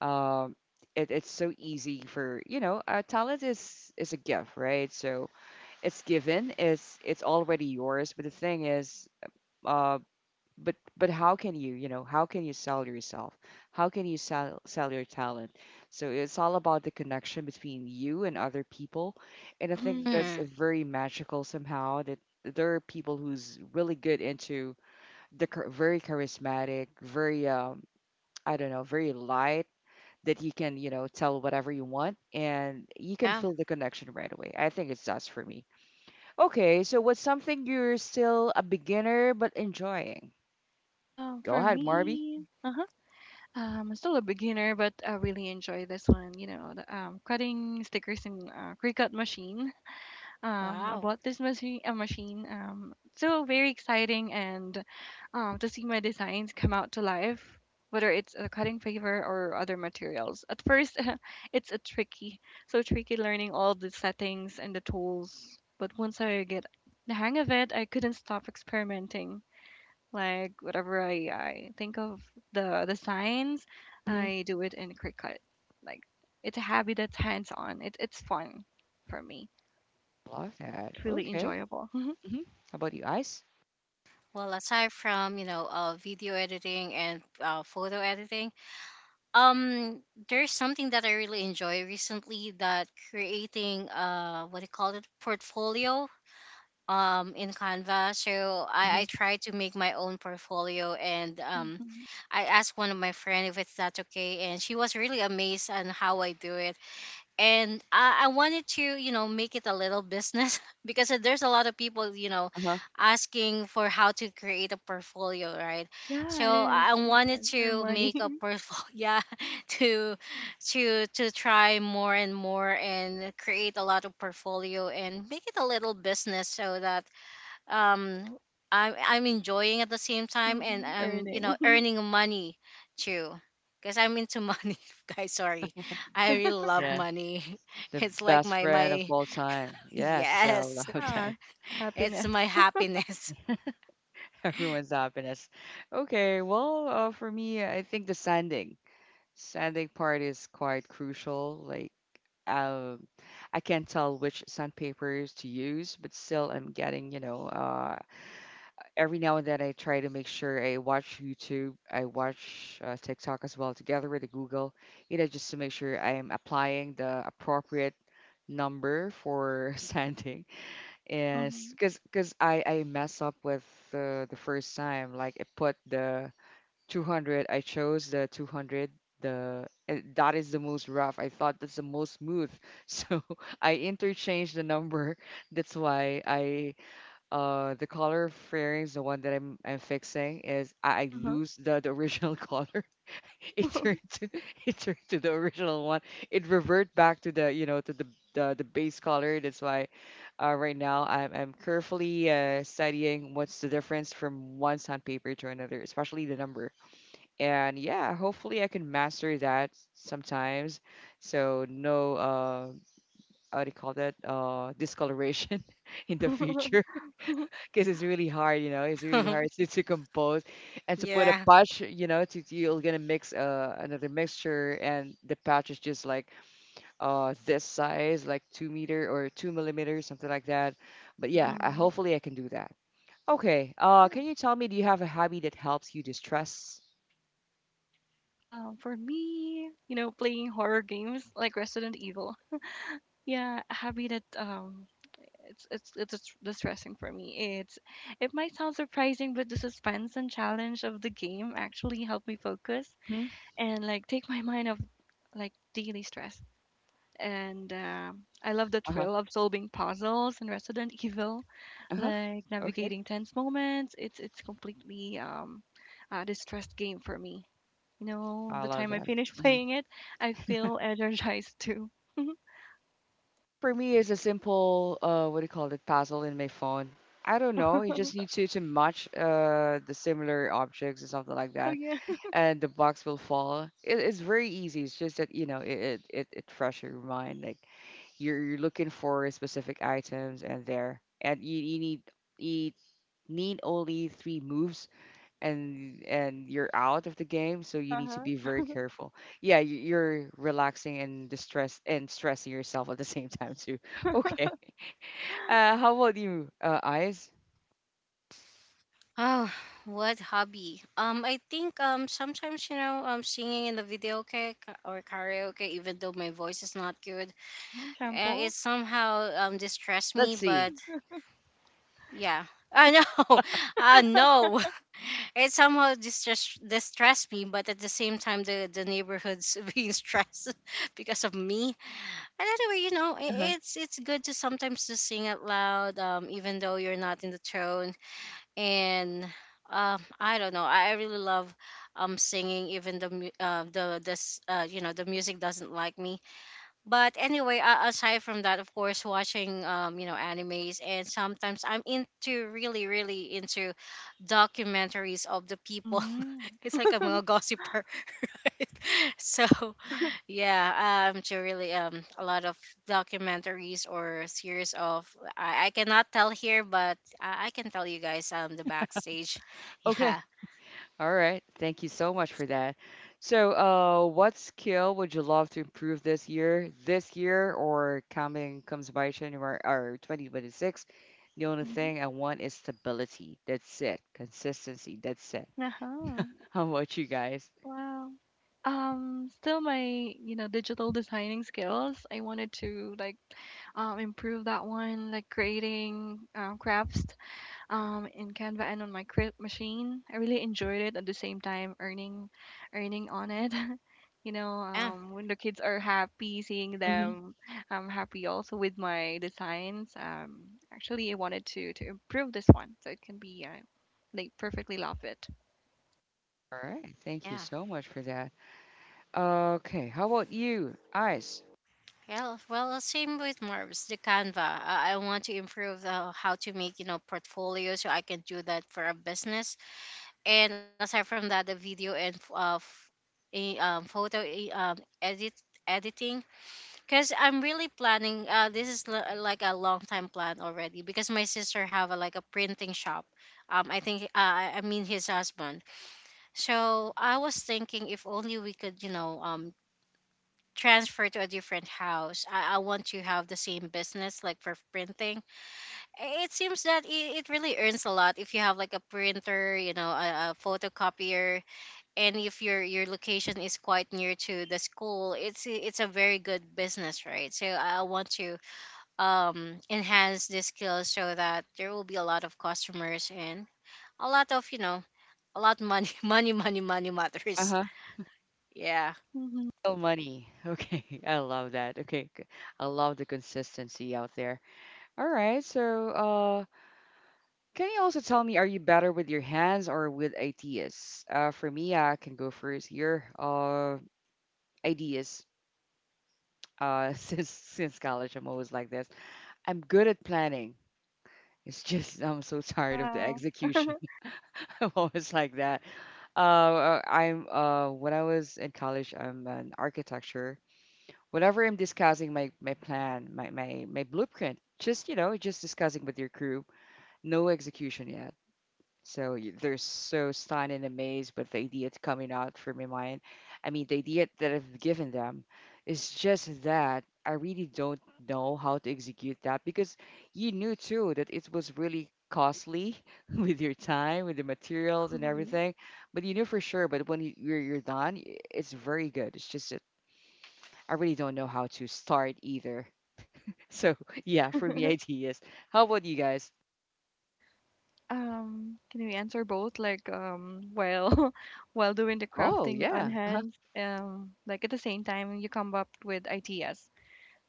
[SPEAKER 1] Um, it, it's so easy for, you know, uh, talent is is a gift, right? So it's given, it's it's already yours. But the thing is, uh, but but how can you, you know, how can you sell yourself? How can you sell sell your talent? So it's all about the connection between you and other people, and I think
[SPEAKER 2] Hmm.
[SPEAKER 1] that's
[SPEAKER 3] mm,
[SPEAKER 1] very magical somehow. That there are people who's really good into the char- very charismatic, very um, I don't know, very light, that you can, you know, tell whatever you want and you can
[SPEAKER 3] yeah.
[SPEAKER 1] feel the connection right away. I think it's us for me. Okay, so what's something you're still a beginner but enjoying?
[SPEAKER 2] Um,
[SPEAKER 1] Go
[SPEAKER 2] for
[SPEAKER 1] ahead,
[SPEAKER 3] Mm.
[SPEAKER 1] Marby.
[SPEAKER 2] me, uh-huh. Um, I'm still a beginner, but I really enjoy this one. You know, the um, cutting stickers in uh, Cricut machine. um,
[SPEAKER 3] Wow.
[SPEAKER 2] about this machine, uh, machine. Um, so very exciting, and um, to see my designs come out to life, whether it's a cutting paper or other materials. At first, it's a tricky, so tricky learning all the settings and the tools. But once I get the hang of it, I couldn't stop experimenting. Like whatever I, I think of the the signs,
[SPEAKER 1] Hmm.
[SPEAKER 2] I do it in Cricut. Like it's a hobby that's hands on. It, it's fun for me.
[SPEAKER 1] Love that.
[SPEAKER 2] It's really
[SPEAKER 1] Okay.
[SPEAKER 2] enjoyable. Hmm.
[SPEAKER 1] Hmm. How about you, Ice?
[SPEAKER 3] Well, aside from, you know uh, video editing, and uh, photo editing, um there's something that I really enjoy recently, that creating, uh what do you call it, portfolio, um in Canva. So i
[SPEAKER 1] Hmm.
[SPEAKER 3] i try to make my own portfolio, and, um I asked one of my friend if it's that okay, and she was really amazed on how I do it. And I, I wanted to, you know make it a little business because there's a lot of people, you know
[SPEAKER 1] Uh-huh.
[SPEAKER 3] asking for how to create a portfolio, right?
[SPEAKER 2] Yeah, it
[SPEAKER 3] So
[SPEAKER 2] is.
[SPEAKER 3] I
[SPEAKER 2] You
[SPEAKER 3] wanted
[SPEAKER 2] can earn
[SPEAKER 3] to
[SPEAKER 2] money.
[SPEAKER 3] make a portfolio. Yeah, to to to try more and more, and create a lot of portfolio, and make it a little business, so that, um i'm i'm enjoying at the same time, and
[SPEAKER 2] Hmm.
[SPEAKER 3] I'm, you
[SPEAKER 2] Earning.
[SPEAKER 3] know earning money too, because I'm into money. Guys, sorry, I really love
[SPEAKER 1] Yeah,
[SPEAKER 3] money.
[SPEAKER 1] the
[SPEAKER 3] It's like
[SPEAKER 1] best
[SPEAKER 3] my
[SPEAKER 1] friend of
[SPEAKER 3] my
[SPEAKER 1] all time. Yes, I love
[SPEAKER 3] yes,
[SPEAKER 2] Yeah,
[SPEAKER 1] that.
[SPEAKER 2] it's
[SPEAKER 3] it's
[SPEAKER 2] happiness.
[SPEAKER 3] my happiness.
[SPEAKER 1] Everyone's happiness. Okay, well, uh, for me, I think the sanding. Sanding part is quite crucial. Like, um, I can't tell which sandpapers to use, but still, I'm getting, you know, uh, every now and then I try to make sure I watch YouTube, I watch uh, TikTok as well, together with the Google, you know, just to make sure I am applying the appropriate number for sanding. And
[SPEAKER 2] Hmm.
[SPEAKER 1] because because I I mess up with uh, the first time, like I put the two hundred. I chose the two hundred. The and that is the most rough. I thought that's the most smooth. So I interchanged the number. That's why I uh the color fairings, the one that I'm I'm fixing is I, I
[SPEAKER 2] Uh-huh.
[SPEAKER 1] lose the the original color. It turned to it turned to the original one. It revert back to the, you know, to the the, the base color. That's why uh, right now I'm, I'm carefully uh, studying what's the difference from one sandpaper to another, especially the number. And yeah, hopefully I can master that sometimes, so no uh how do you call that, uh discoloration in the future. Because it's really hard, you know, it's really hard to, to compose and to put a
[SPEAKER 3] Yeah.
[SPEAKER 1] patch, you know, to you're gonna mix uh another mixture, and the patch is just like uh this size, like two meter or two millimeters, something like that. But yeah, I
[SPEAKER 2] Hmm.
[SPEAKER 1] hopefully I can do that. Okay, uh
[SPEAKER 2] Yeah.
[SPEAKER 1] can you tell me, do you have a hobby that helps you distress?
[SPEAKER 2] Um, for me, you know, playing horror games like Resident Evil. Yeah, happy that um, it's it's it's dis- distressing for me. It's it might sound surprising, but the suspense and challenge of the game actually help me focus
[SPEAKER 1] Hmm?
[SPEAKER 2] and like take my mind off like daily stress. And uh, I love the
[SPEAKER 1] Uh-huh.
[SPEAKER 2] thrill of solving puzzles in Resident Evil,
[SPEAKER 1] Uh-huh.
[SPEAKER 2] like
[SPEAKER 1] Okay.
[SPEAKER 2] navigating tense moments. It's it's completely um, a distressed game for me. You know,
[SPEAKER 1] I
[SPEAKER 2] the
[SPEAKER 1] love
[SPEAKER 2] time I
[SPEAKER 1] that.
[SPEAKER 2] finish
[SPEAKER 1] Mhm.
[SPEAKER 2] playing it, I feel energized too.
[SPEAKER 1] For me, it's a simple, uh, what do you call it, puzzle in my phone. I don't know. You just
[SPEAKER 2] Oh
[SPEAKER 1] need to to match uh the similar objects or something like that,
[SPEAKER 2] yeah.
[SPEAKER 1] and the box will fall. It, it's very easy. It's just that, you know, it it it, it fresh your mind. Like you're you're looking for specific items, and there, and you, you need you need only three moves, and and you're out of the game, so you
[SPEAKER 2] Uh
[SPEAKER 1] need to be very
[SPEAKER 2] huh.
[SPEAKER 1] careful. Yeah, y- you're relaxing and distress and stressing yourself at the same time too. Okay, uh how about you, uh eyes
[SPEAKER 3] Oh, what hobby, um I think, um sometimes, you know um singing in the video ca- or karaoke, even though my voice is not good,
[SPEAKER 2] Hmm.
[SPEAKER 3] uh, it
[SPEAKER 2] Sample.
[SPEAKER 3] somehow, um distress me,
[SPEAKER 1] Let's
[SPEAKER 3] but.
[SPEAKER 1] see.
[SPEAKER 3] Yeah. I know. I know. It somehow distress distressed me, but at the same time, the the neighborhood's being stressed because of me. And anyway, you know,
[SPEAKER 1] Uh-huh.
[SPEAKER 3] I it's it's good to sometimes just sing out loud, um, even though you're not in the tone. And, um, I don't know. I I really love, um singing, even the mu- uh, the this uh you know the music doesn't like me. But anyway, uh, aside from that, of course, watching, um you know animes, and sometimes I'm into really really into documentaries of the people.
[SPEAKER 2] Mm-hmm.
[SPEAKER 3] It's like I'm a gossiper. Right? So yeah, um to really um a lot of documentaries or series of, i, I, cannot tell here, but I, I can tell you guys, um the backstage.
[SPEAKER 1] Okay,
[SPEAKER 3] Yeah.
[SPEAKER 1] all right, thank you so much for that. So, uh what skill would you love to improve this year this year or coming comes by January or twenty twenty-six? The only
[SPEAKER 2] Mm-hmm.
[SPEAKER 1] thing I want is stability, that's it. Consistency, that's it.
[SPEAKER 2] Uh huh.
[SPEAKER 1] How about you guys?
[SPEAKER 2] Wow. Um, still my, you know, digital designing skills. I wanted to like um, improve that one, like creating um, crafts um, in Canva and on my crib machine. I really enjoyed it at the same time earning earning on it. You know,
[SPEAKER 3] Yeah.
[SPEAKER 2] um, when the kids are happy, seeing them, I'm happy also with my designs. Um, actually, I wanted to to improve this one so it can be uh, like perfectly love it.
[SPEAKER 1] All right. Thank you
[SPEAKER 3] Yeah.
[SPEAKER 1] so much for that. Okay. How about you, Ice?
[SPEAKER 3] Yeah, well, uh, same with Mars, the Canva. I, I want to improve, uh, how to make, you know, portfolio, so I can do that for a business. And aside from that, the video and f- uh, f- eh, um, photo eh, um, edit editing, because I'm really planning, uh this is l- like a long time plan already, because my sister have, a, like, a printing shop, um I think, uh, i I mean his husband. So I was thinking, if only we could, you know um transfer to a different house. I, I want to have the same business, like for printing. I- It seems that it, it really earns a lot if you have like a printer, you know, a, a photocopier, and if your your location is quite near to the school, it's it's a very good business, right? So I I want to, um enhance this skill so that there will be a lot of customers, and a lot of, you know a lot money. Money money money
[SPEAKER 1] Uh
[SPEAKER 3] matters.
[SPEAKER 1] huh.
[SPEAKER 3] Yeah.
[SPEAKER 2] Hmm.
[SPEAKER 1] Real money. Okay. I love that. Okay. g- I love the consistency out there. All right. So, uh, can you also tell me, are you better with your hands or with ideas? Uh, for me, I can go first here. Uh, ideas. Uh, since since college, I'm always like this. I'm good at planning. It's just I'm so tired of the
[SPEAKER 2] Wow.
[SPEAKER 1] execution. I'm always like that. Uh, uh, I'm uh When I was in college, I'm an architecture. Whenever I'm discussing my my plan, my my my blueprint, just, you know, just discussing with your crew, no execution yet. So y- they're so stunned and amazed with the idea that's coming out from my mind. I mean, the idea that I've given them is just that I really don't know how to execute that, because you knew too that it was really costly with your time, with the materials and
[SPEAKER 2] Mhm.
[SPEAKER 1] everything. But you knew for sure. But when you- you're you're done, i- it's very good. It's just that I really don't know how to start either. So yeah, for me, ideas. How about you guys?
[SPEAKER 2] Um, can we answer both? Like, um, while while doing the
[SPEAKER 1] Oh
[SPEAKER 2] crafting on
[SPEAKER 1] yeah, uh-huh.
[SPEAKER 2] hands, um, like at the same time you come up with ideas.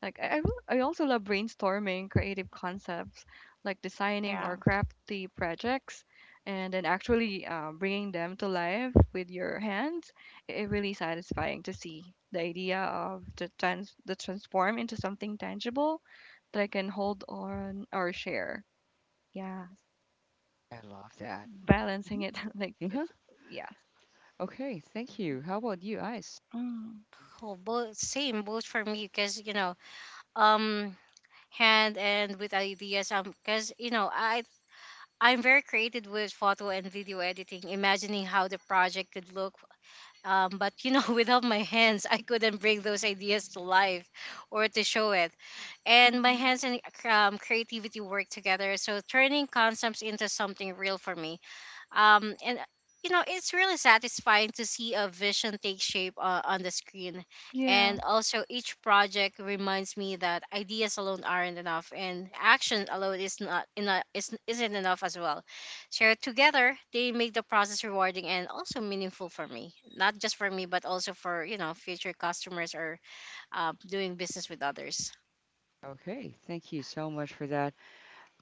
[SPEAKER 2] Like I I, will, I also love brainstorming creative concepts, like designing
[SPEAKER 3] Yeah.
[SPEAKER 2] or crafty projects, and then actually uh, bringing them to life with your hands. It really satisfying to see the idea of the trans the transform into something tangible that I can hold on or share. Yeah.
[SPEAKER 1] I love that.
[SPEAKER 2] Balancing it like
[SPEAKER 1] Mhm.
[SPEAKER 2] it's yeah.
[SPEAKER 1] Okay, thank you. How about you, Ice?
[SPEAKER 2] Mm,
[SPEAKER 3] Oh, both same, both for me, because you know um hand and with ideas, um because you know i i'm very creative with photo and video editing, imagining how the project could look. Um but you know, without my hands I couldn't bring those ideas to life or to show it. And my
[SPEAKER 2] mhm.
[SPEAKER 3] hands and um, creativity work together, so turning concepts into something real for me. Um and uh, You know, it's really satisfying to see a vision take shape uh, on the screen.
[SPEAKER 2] Yeah.
[SPEAKER 3] And also each project reminds me that ideas alone aren't enough, and action alone is not enough, is, isn't enough as well. So together they make the process rewarding and also meaningful, for me, not just for me but also for, you know, future customers or uh, doing business with others.
[SPEAKER 1] Okay, thank you so much for that.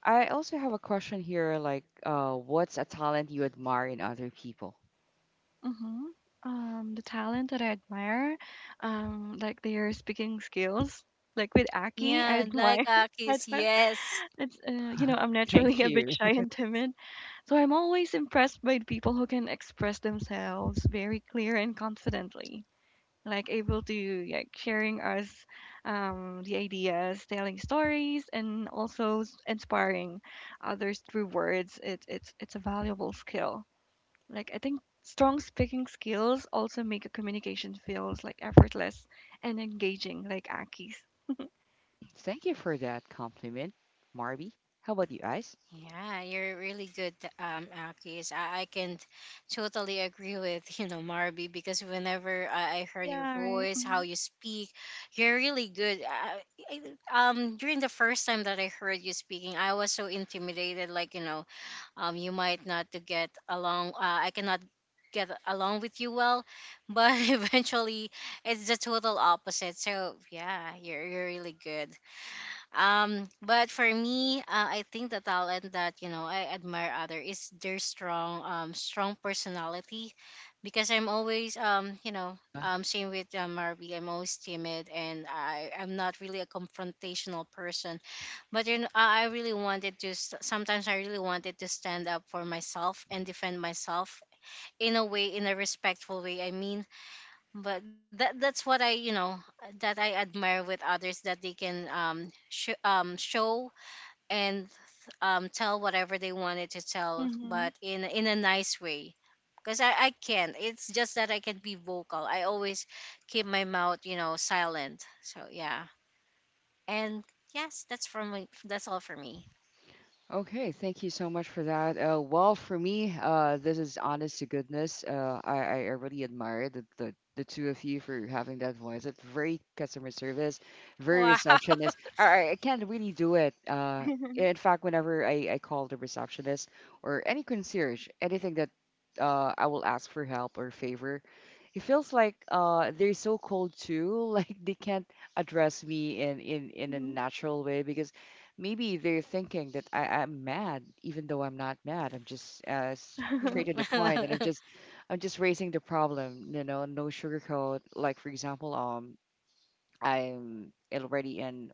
[SPEAKER 1] I also have a question here, like, uh, what's a talent you admire in other people?
[SPEAKER 2] Mhm. Um, the talent that I admire, um, like their speaking skills, like with Aki, I
[SPEAKER 3] Yeah, like
[SPEAKER 2] admire. I
[SPEAKER 3] akis
[SPEAKER 2] admire.
[SPEAKER 3] yes.
[SPEAKER 2] It's uh, you know, I'm naturally
[SPEAKER 1] Thank
[SPEAKER 2] a bit
[SPEAKER 1] you.
[SPEAKER 2] shy and timid, so I'm always impressed by the people who can express themselves very clear and confidently. Like able to like sharing us um, the ideas, telling stories, and also s- inspiring others through words. It, it's it's a valuable skill. Like I think strong speaking skills also make a communication feels like effortless and engaging, like Aki's.
[SPEAKER 1] Thank you for that compliment, Marby. How about you, Ice?
[SPEAKER 3] Yeah, you're really good, um, Akis. I, I can totally agree with, you know, Marby, because whenever I, I heard your
[SPEAKER 2] Yeah, right.
[SPEAKER 3] voice, how
[SPEAKER 2] Mm-hmm.
[SPEAKER 3] you speak, you're really good. I, I, um, during the first time that I heard you speaking, I was so intimidated, like, you know, um, you might not to get along. Uh, I cannot get along with you well, but eventually it's the total opposite. So yeah, you're, you're really good. Um, but for me, uh, I think the talent that, you know, I admire other is their strong, um, strong personality, because I'm always, um, you know, um, same with uh, Marby. I'm always timid, and I I'm not really a confrontational person. But you know, I I really wanted to. s- Sometimes I really wanted to stand up for myself and defend myself in a way, in a respectful way. I mean, but that that's what I, you know, that I admire with others, that they can um sh- um show and um, tell whatever they wanted to tell,
[SPEAKER 2] Hmm.
[SPEAKER 3] but in in a nice way. Because I, I can. It's just that I can be vocal. I always keep my mouth, you know, silent. So yeah. And yes, that's from me. That's all for me.
[SPEAKER 1] Okay, thank you so much for that. Uh, well, for me, uh, this is honest to goodness. Uh, I, I, I really admire the, the, the two of you for having that voice. It's very customer service, very
[SPEAKER 3] Wow.
[SPEAKER 1] receptionist. I, I I can't really do it. Uh, in fact, whenever I, I call the receptionist or any concierge, anything that uh, I will ask for help or favor, it feels like uh, they're so cold too. Like they can't address me in, in, in a
[SPEAKER 2] Hmm.
[SPEAKER 1] natural way, because maybe they're thinking that I, I'm mad, even though I'm not mad. I'm just uh, straight to the point, and I'm just, I'm just raising the problem. You know, no sugarcoat. Like, for example, um, I'm already in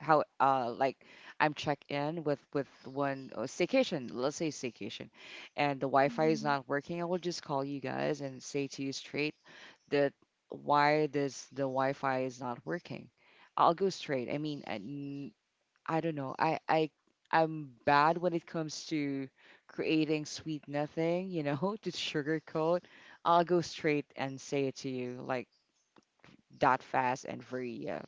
[SPEAKER 1] how uh like I'm checked in with with one uh, staycation, let's say staycation, and the Wi-Fi is
[SPEAKER 2] Hmm.
[SPEAKER 1] not working. I will just call you guys and say to you straight that why this the Wi-Fi is not working. I'll go straight. I mean, I don't know. I I I'm bad when it comes to creating sweet nothing, you know, to sugarcoat. I'll go straight and say it to you like that fast and very, uh,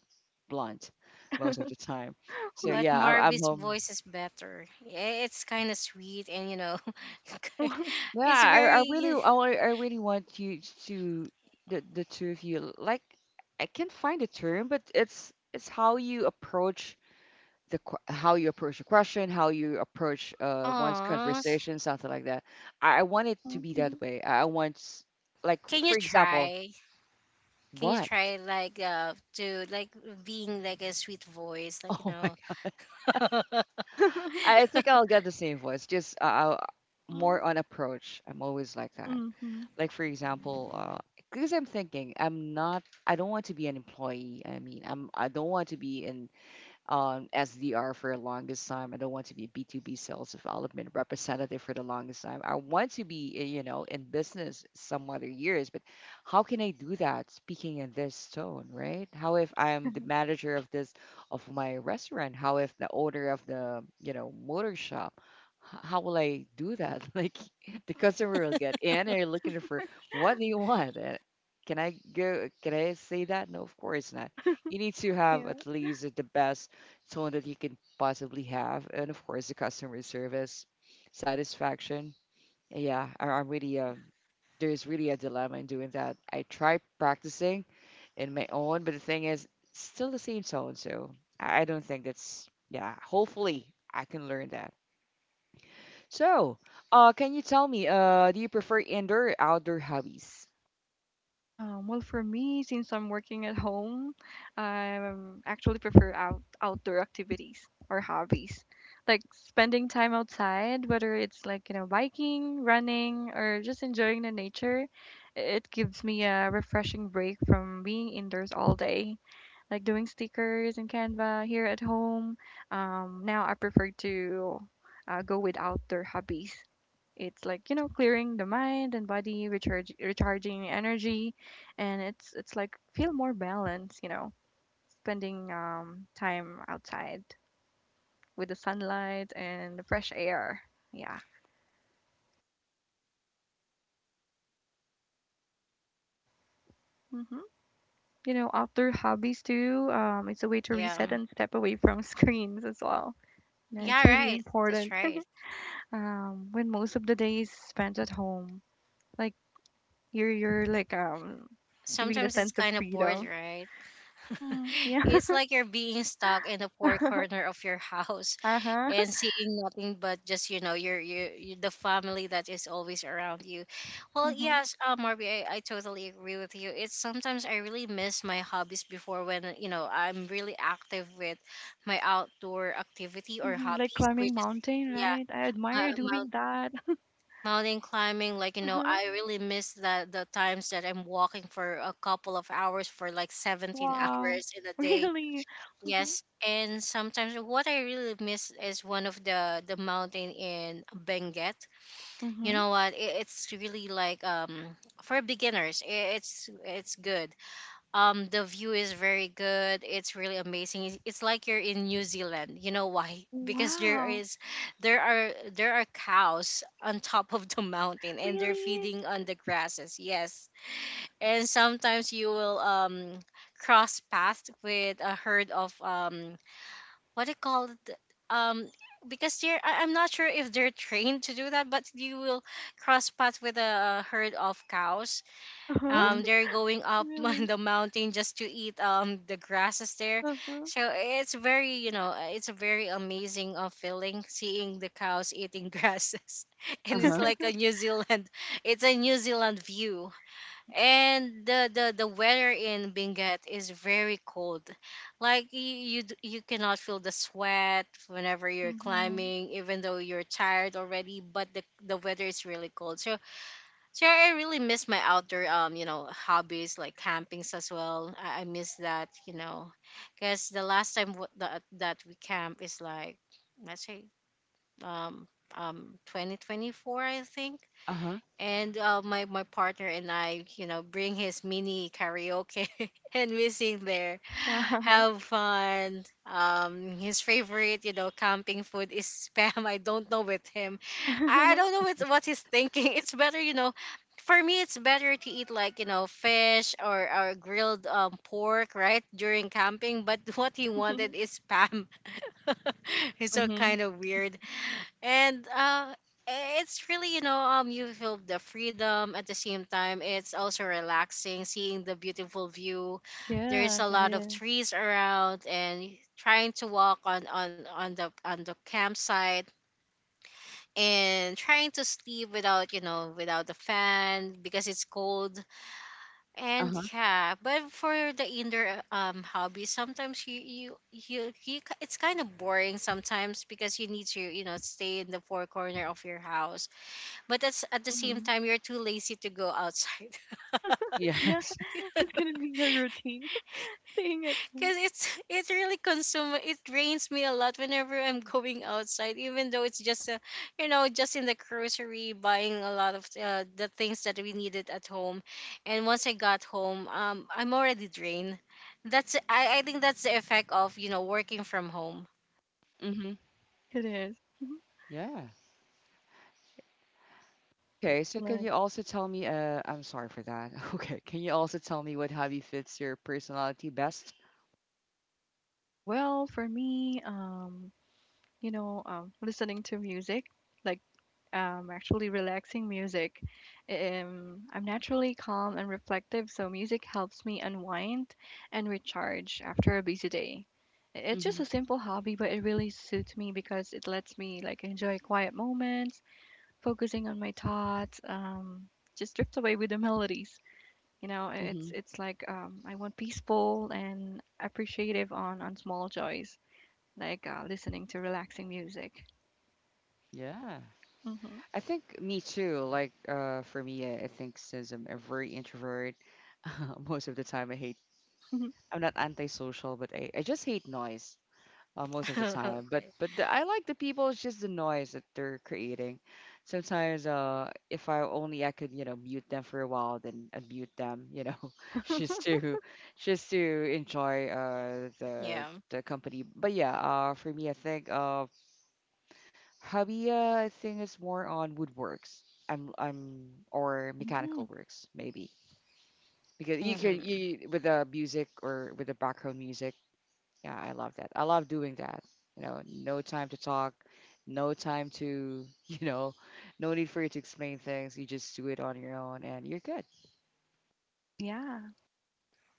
[SPEAKER 1] blunt most of the time. So
[SPEAKER 2] Hmm.
[SPEAKER 3] But
[SPEAKER 1] yeah, I, I'm
[SPEAKER 3] Marby's
[SPEAKER 1] home.
[SPEAKER 3] voice is better. Yeah, it's kind of sweet, and you know,
[SPEAKER 1] Yeah,
[SPEAKER 3] it's
[SPEAKER 1] I, I really
[SPEAKER 3] very.
[SPEAKER 1] I, wa- I really want you to the the two of you, like, I can't find a term, but it's it's how you approach the que- how you approach a question, how you approach uh, one's
[SPEAKER 3] Aw.
[SPEAKER 1] conversation, something like that. I, I want it to
[SPEAKER 2] Mm.
[SPEAKER 1] be that way. I I want, s- like,
[SPEAKER 3] Can you
[SPEAKER 1] for example,
[SPEAKER 3] try? Can you
[SPEAKER 1] what?
[SPEAKER 3] try like uh to like being like a sweet voice, like, you
[SPEAKER 1] Oh my
[SPEAKER 3] know?
[SPEAKER 1] god! I think I'll get the same voice. Just uh, I'll more on approach. I'm always like that. Like, for example, uh, because I'm thinking I'm not. I don't want to be an employee. I mean, I'm. I don't want to be in um, S D R for the longest time. I don't want to be a B two B sales development representative for the longest time. I want to be, eh, you know, in business some other years, but how can I do that speaking in this tone, right? How if I'm the manager of this, of my restaurant? How if the owner of the, you know, motor shop? H- How will I do that? Like the customer will get in, and looking for what do you want? Eh, Can I go? Can I say that? No, of course not. You need to have at least the best someone that you can possibly have, and of course the customer service satisfaction. Yeah, I, I'm really, uh, there's really a dilemma in doing that. I try practicing in my own, but the thing is still the same tone, so I I don't think that's yeah. Hopefully I can learn that. So, uh, can you tell me, uh, do you prefer indoor or outdoor hobbies?
[SPEAKER 2] Um, well, for me, since I'm working at home, I um, actually prefer out outdoor activities or hobbies, like spending time outside, whether it's like you know biking, running, or just enjoying the nature. It gives me a refreshing break from being indoors all day, like doing stickers in Canva here at home. Um, now I prefer to uh, go with outdoor hobbies. It's like you know clearing the mind and body, recharge, recharging energy, and it's it's like feel more balanced. You know, spending um, time outside with the sunlight and the fresh air. Yeah. Hmm. You know, outdoor hobbies too. Um, it's a way to
[SPEAKER 3] Yeah,
[SPEAKER 2] reset and step away from screens as well. You know, it's
[SPEAKER 3] yeah,
[SPEAKER 2] really
[SPEAKER 3] right, that's
[SPEAKER 2] important.
[SPEAKER 3] right.
[SPEAKER 2] Um, when most of the day is spent at home, like you're you're like um giving the
[SPEAKER 3] Sometimes it's
[SPEAKER 2] sense of
[SPEAKER 3] kind of bored,
[SPEAKER 2] freedom.
[SPEAKER 3] right?
[SPEAKER 2] Mm-hmm. Yeah.
[SPEAKER 3] It's like you're being stuck in a poor corner of your house
[SPEAKER 2] Uh-huh.
[SPEAKER 3] and seeing nothing but just, you know, your your, your the family that is always around you. Well,
[SPEAKER 2] Mm-hmm.
[SPEAKER 3] yes, uh, Marby, I, I totally agree with you. It's sometimes I really miss my hobbies before, when you know I'm really active with my outdoor activity or
[SPEAKER 2] Mm-hmm. Like
[SPEAKER 3] hobbies, which
[SPEAKER 2] climbing
[SPEAKER 3] is,
[SPEAKER 2] mountain,
[SPEAKER 3] yeah,
[SPEAKER 2] right? I admire
[SPEAKER 3] my,
[SPEAKER 2] you
[SPEAKER 3] my
[SPEAKER 2] doing that.
[SPEAKER 3] mountain climbing. Like, you
[SPEAKER 2] Uh
[SPEAKER 3] know,
[SPEAKER 2] huh.
[SPEAKER 3] I really miss the the times that I'm walking for a couple of hours, for like seventeen
[SPEAKER 2] Wow.
[SPEAKER 3] hours in a day.
[SPEAKER 2] Really? Mm-hmm.
[SPEAKER 3] Yes, and sometimes what I really miss is one of the the mountain in Benguet. You
[SPEAKER 2] Mm-hmm.
[SPEAKER 3] know what? It, it's really like um for beginners. I- it's it's good. Um, the view is very good. It's really amazing. It's, it's like you're in New Zealand. You know why? Because there
[SPEAKER 2] Wow.
[SPEAKER 3] is there are there are cows on top of the mountain, and they're
[SPEAKER 2] Really?
[SPEAKER 3] feeding on the grasses. Yes, and sometimes you will um cross paths with a herd of, um what do you call it um because they're I- I'm not sure if they're trained to do that, but you will cross paths with a herd of cows,
[SPEAKER 2] Uh-huh.
[SPEAKER 1] Mm-hmm.
[SPEAKER 3] um they're going up on
[SPEAKER 2] Really?
[SPEAKER 3] the mountain just to eat um the grasses there.
[SPEAKER 2] Uh-huh.
[SPEAKER 3] So it's very, you know, uh, it's a very amazing uh, feeling, seeing the cows eating grasses,
[SPEAKER 1] Uh
[SPEAKER 3] and it's
[SPEAKER 1] huh.
[SPEAKER 3] like a New Zealand, it's a New Zealand view. And the, the the weather in Benguet is very cold. Like you, you d- you cannot feel the sweat whenever you're
[SPEAKER 2] Mm-hmm.
[SPEAKER 3] climbing, even though you're tired already. But the the weather is really cold. So so I really miss my outdoor, um you know, hobbies, like campings as well. I, I miss that, you know, because the last time w- that that we camp is like, let's say, um um twenty twenty-four, I think.
[SPEAKER 1] Uh huh.
[SPEAKER 3] And uh, my my partner and I, you know, bring his mini karaoke and we sing there,
[SPEAKER 2] Wow.
[SPEAKER 3] have fun. Um, his favorite, you know, camping food is spam. I don't know with him, I don't know what what he's thinking. It's better, you know, for me it's better to eat like, you know, fish or or grilled um, pork right during camping. But what he wanted is spam. It's so
[SPEAKER 1] Mm-hmm.
[SPEAKER 3] kind of weird. And uh it's really, you know, um you feel the freedom, at the same time it's also relaxing, seeing the beautiful view. There's
[SPEAKER 2] Yes,
[SPEAKER 3] a
[SPEAKER 2] it
[SPEAKER 3] lot of
[SPEAKER 2] is.
[SPEAKER 3] trees around, and trying to walk on on on the on the campsite, and trying to sleep without, you know, without the fan, because it's cold.
[SPEAKER 1] Uh
[SPEAKER 3] And
[SPEAKER 1] huh.
[SPEAKER 3] yeah, but for the indoor uh, um hobby, sometimes you you you, you k- it's kind of boring sometimes, because you need to, you know, stay in the four corner of your house. But that's, at the same
[SPEAKER 2] Mm-hmm.
[SPEAKER 3] time, you're too lazy to go outside.
[SPEAKER 2] Yeah,
[SPEAKER 1] Yes.
[SPEAKER 2] it's gonna be your routine, staying at home.
[SPEAKER 3] Because it's, it really consume, it drains me a lot whenever I'm going outside, even though it's just a, you know, just in the grocery, buying a lot of uh, the things that we needed at home. And once I got home, um I'm already drained. That's, I, I think that's the effect of, you know, working from home.
[SPEAKER 1] Mm-hmm.
[SPEAKER 2] It is. Mhm.
[SPEAKER 1] Yeah. Okay, so can
[SPEAKER 2] Like,
[SPEAKER 1] you also tell me, uh, I'm sorry for that. Okay, can you also tell me, what hobby fits your personality best?
[SPEAKER 2] well, for me, um, you know, um, listening to music, like um, actually relaxing music. Um, I'm naturally calm and reflective, so music helps me unwind and recharge after a busy day. I- It's just
[SPEAKER 1] Hmm.
[SPEAKER 2] a simple hobby, but it really suits me because it lets me like enjoy quiet moments, focusing on my thoughts, um, just drift away with the melodies. You know, it's
[SPEAKER 1] Hmm.
[SPEAKER 2] it's like um, I want peaceful and appreciative on on small joys, like uh, listening to relaxing music.
[SPEAKER 1] Yeah.
[SPEAKER 2] Hmm.
[SPEAKER 1] I think me too. Like, uh, for me, I I think since I'm a very introvert, most of the time I hate, I'm not antisocial, but I, I just hate noise. Uh, most of the time. But
[SPEAKER 3] Okay.
[SPEAKER 1] but the, I like the people. It's just the noise that they're creating. Sometimes, uh, if I only I could, you know, mute them for a while, then unmute them, you know, just to just to enjoy uh the
[SPEAKER 3] Yeah.
[SPEAKER 1] the company. But yeah, uh, for me, I think uh, hobby, uh, I think it's more on woodworks. I'm I'm or mechanical
[SPEAKER 2] Mm.
[SPEAKER 1] works maybe because you can
[SPEAKER 3] Hmm.
[SPEAKER 1] you with the music or with the background music, yeah, I love that. I love doing that. You know, no time to talk, no time to, you know, no need for you to explain things. You just do it on your own and you're good.
[SPEAKER 2] Oh yeah.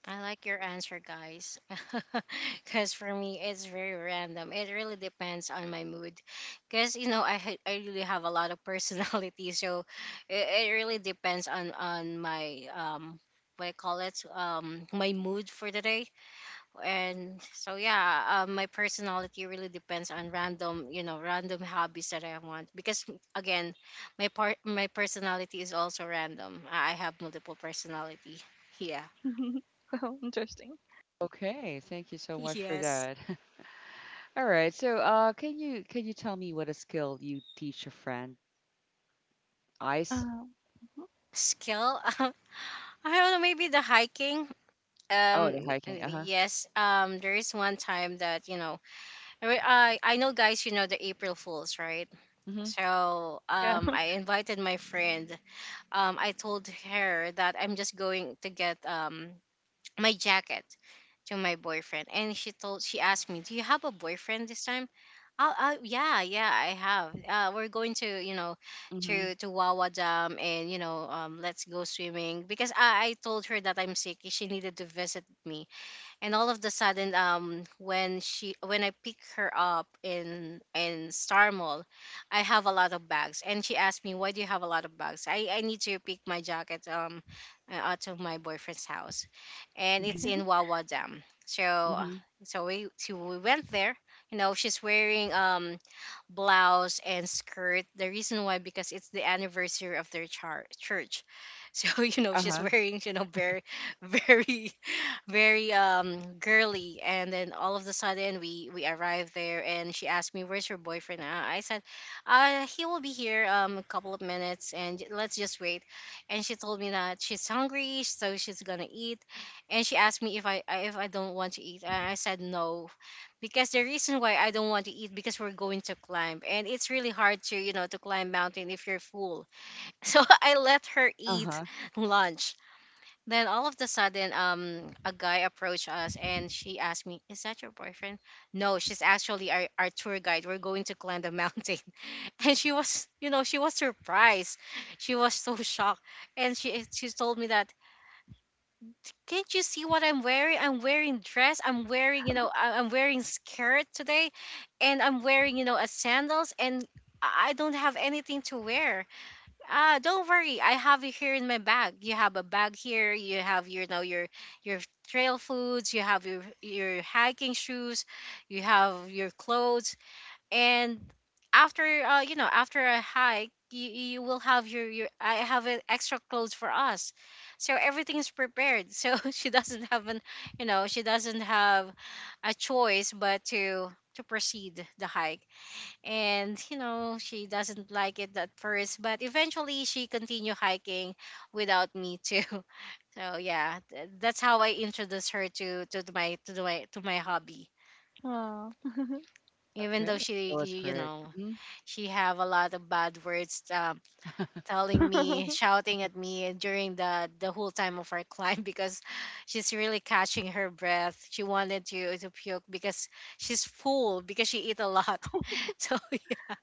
[SPEAKER 3] I like your answer, guys. Because for me, it's very random. It really depends on my mood. Because, you know, I, ha- I really have a lot of personality. So it, it really depends on, on my, um, what I call it, um, my mood for the day. And so, yeah, um, my personality really depends on random, you know, random hobbies that I want. Because, again, my part, my personality is also random. I I have multiple personality. Yeah.
[SPEAKER 2] Well, interesting.
[SPEAKER 1] Okay, thank you so much for
[SPEAKER 3] Yes.
[SPEAKER 1] that. All right. So, uh can you can you tell me what a skill you teach a friend? Ice?
[SPEAKER 2] Uh,
[SPEAKER 3] Skill. I don't know, maybe the hiking.
[SPEAKER 1] Oh,
[SPEAKER 3] um
[SPEAKER 1] the hiking. Uh-huh.
[SPEAKER 3] yes, um there is one time that, you know, I re- I I know guys, you know the April Fools, right?
[SPEAKER 1] Mhm.
[SPEAKER 3] So
[SPEAKER 2] yeah.
[SPEAKER 3] um I invited my friend, um I told her that I'm just going to get um my jacket to my boyfriend. And she told she asked me, do you have a boyfriend this time? Oh, uh, yeah, yeah, I have. Uh, we're going to, you know,
[SPEAKER 1] Mhm.
[SPEAKER 3] to to Wawa Dam, and you know, um, let's go swimming, because I, I told her that I'm sick. She needed to visit me. And all of the sudden, um when she, when I pick her up in in Star Mall, I have a lot of bags, and she asked me, why do you have a lot of bags? i i need to pick my jacket um uh, out of my boyfriend's house, and it's
[SPEAKER 1] Mhm.
[SPEAKER 2] Okay.
[SPEAKER 3] in Wawa Dam. So uh,
[SPEAKER 1] Mhm.
[SPEAKER 3] so we, so we went there. You know, she's wearing um blouse and skirt. The reason why, because it's the anniversary of their char- church. So you know, she's
[SPEAKER 1] Uh-huh.
[SPEAKER 3] wearing, you know, very very very um girly. And then all of a sudden, we we arrived there, and she asked me, where's your boyfriend? Uh, I said uh he will be here um a couple of minutes, and let's just wait. And she told me that she's hungry, so she's gonna eat. And she asked me if I, I- if I don't want to eat, and I said no, because the reason why I don't want to eat, because we're going to climb, and it's really hard to, you know, to climb mountain if you're full. So I let her eat
[SPEAKER 1] Uh-huh.
[SPEAKER 3] lunch. Then all of the sudden, um a guy approached us, and she asked me, "Is that your boyfriend?" No, she's actually our, our tour guide. We're going to climb the mountain. And she was, you know, she was surprised. She was so shocked, and she she told me that, can't you see what I'm wearing? I'm wearing dress. I'm wearing, you know, I- I'm wearing skirt today, and I'm wearing, you know, a sandals, and I I don't have anything to wear. Ah, don't worry. I have it here in my bag. You have a bag here. You have your, you know, your your trail foods. You have your your hiking shoes. You have your clothes, and after uh, you know, after a hike, you, you will have your, your I have uh, extra clothes for us. So everything is prepared. So she doesn't have an, you know, she doesn't have a choice but to to proceed the hike. And you know, she doesn't like it at first, but eventually she continue hiking without me too. So yeah, th- that's how I introduced her to to my to my to my hobby.
[SPEAKER 2] Oh,
[SPEAKER 3] Even though
[SPEAKER 1] Okay. That
[SPEAKER 3] she,
[SPEAKER 1] was
[SPEAKER 3] you you
[SPEAKER 1] correct.
[SPEAKER 3] know,
[SPEAKER 1] Hmm.
[SPEAKER 3] she have a lot of bad words, um, telling me, shouting at me during the the whole time of our climb, because she's really catching her breath, she wanted to to puke, because she's full, because she eat a lot. So yeah.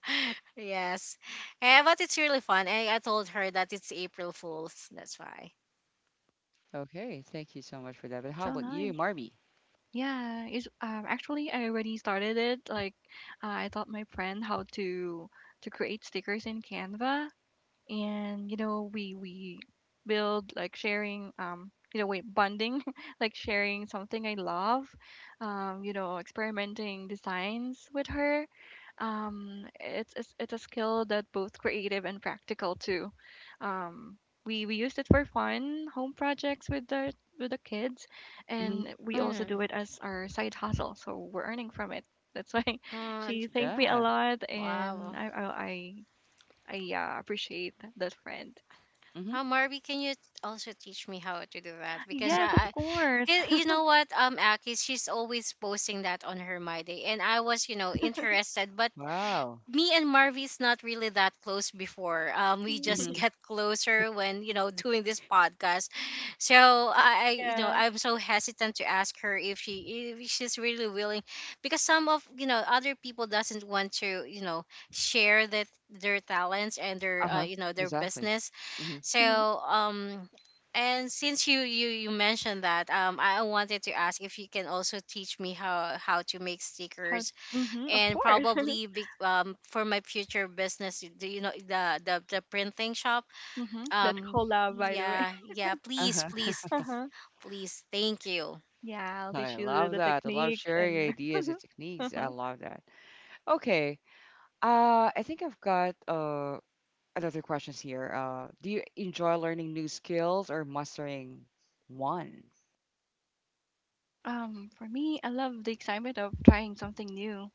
[SPEAKER 3] Yes. Eh, but it's really fun. I, I told her that it's April Fools, that's why.
[SPEAKER 1] Okay, thank you so much for that. But how
[SPEAKER 2] so
[SPEAKER 1] about you,
[SPEAKER 2] nice.
[SPEAKER 1] Marby?
[SPEAKER 2] Yeah. It's um, actually I already started it. Like, uh, I taught my friend how to to create stickers in Canva, and you know we we build like sharing um you know wait bonding like sharing something I love. um you know experimenting designs with her. um it's it's, it's a skill that both creative and practical too. um we we used it for fun home projects with the with the kids,
[SPEAKER 1] Mhm.
[SPEAKER 2] and we also
[SPEAKER 3] Mm.
[SPEAKER 2] do it as our side hustle, so we're earning from it. That's why
[SPEAKER 3] Uh,
[SPEAKER 2] she thanked me a
[SPEAKER 1] Yeah.
[SPEAKER 2] lot
[SPEAKER 3] wow.
[SPEAKER 2] and i i, I I yeah, appreciate that friend.
[SPEAKER 1] Mhm.
[SPEAKER 3] Oh, Marby, can you also teach me how to do that? Because
[SPEAKER 2] Yes, of
[SPEAKER 3] I,
[SPEAKER 2] course.
[SPEAKER 3] 'cause you know what, um, Aki, she's always posting that on her My Day, and I was, you know, interested. But
[SPEAKER 1] Wow.
[SPEAKER 3] me and Marvy's not really that close before. Um, we just
[SPEAKER 1] Mhm.
[SPEAKER 3] get closer when, you know, doing this podcast. So I, I, you know,
[SPEAKER 2] Yes.
[SPEAKER 3] I'm so hesitant to ask her if she if she's really willing, because some of, you know, other people doesn't want to, you know, share that their talents and their, uh,
[SPEAKER 1] Uh-huh.
[SPEAKER 3] you know, their
[SPEAKER 1] Exactly.
[SPEAKER 3] business.
[SPEAKER 1] Hmm.
[SPEAKER 2] Mhm.
[SPEAKER 3] So um and since you you you mentioned that, um I wanted to ask if you can also teach me how how to make
[SPEAKER 2] How?
[SPEAKER 3] stickers
[SPEAKER 2] Hmm, of
[SPEAKER 3] and
[SPEAKER 2] course.
[SPEAKER 3] probably be, um, for my future business. Do you know the the the printing shop?
[SPEAKER 2] Mhm. That's
[SPEAKER 3] Um,
[SPEAKER 2] collab, by the way.
[SPEAKER 3] yeah, yeah, please,
[SPEAKER 1] Uh-huh.
[SPEAKER 3] please,
[SPEAKER 2] Uh-huh.
[SPEAKER 3] please. Thank you.
[SPEAKER 2] Yeah, I'll
[SPEAKER 1] I
[SPEAKER 2] teach you the, the
[SPEAKER 1] love
[SPEAKER 2] the
[SPEAKER 1] that. I love
[SPEAKER 2] techniques
[SPEAKER 1] sharing
[SPEAKER 2] and
[SPEAKER 1] ideas and techniques. I
[SPEAKER 2] uh-huh.
[SPEAKER 1] love that. Okay. Uh, I think I've got uh another questions here. Uh, do you enjoy learning new skills or mastering one?
[SPEAKER 2] Um, for me, I love the excitement of trying something new,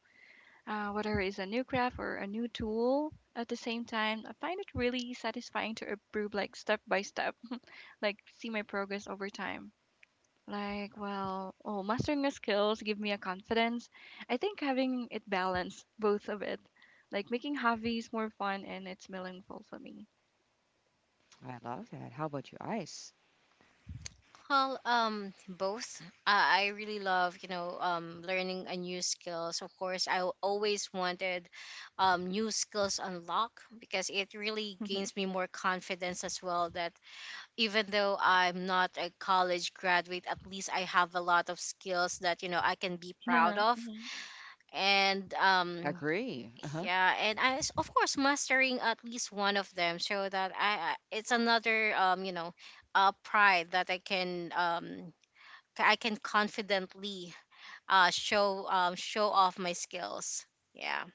[SPEAKER 2] uh, whether it's a new craft or a new tool. At the same time, I find it really satisfying to improve, like step by step, like see my progress over time. Like, well, oh, mastering the skills give me a confidence. I think having it balance both of it, like making hobbies more fun and it's meaningful for me.
[SPEAKER 1] I love that. How about you, Ice?
[SPEAKER 3] Well, um, both. I I really love, you know, um, learning a new skills. Of course, I w- always wanted, um, new skills unlock, because it really
[SPEAKER 2] Mhm.
[SPEAKER 3] gains me more confidence as well. That even though I'm not a college graduate, at least I have a lot of skills that, you know, I can be proud
[SPEAKER 2] Yeah.
[SPEAKER 3] of.
[SPEAKER 2] Mhm.
[SPEAKER 3] And um,
[SPEAKER 1] Agree. Uh-huh.
[SPEAKER 3] yeah, and I s- of course mastering at least one of them, so that I I- it's another, um, you know, uh, pride that I can um I can confidently uh, show um, show off my skills. Yeah.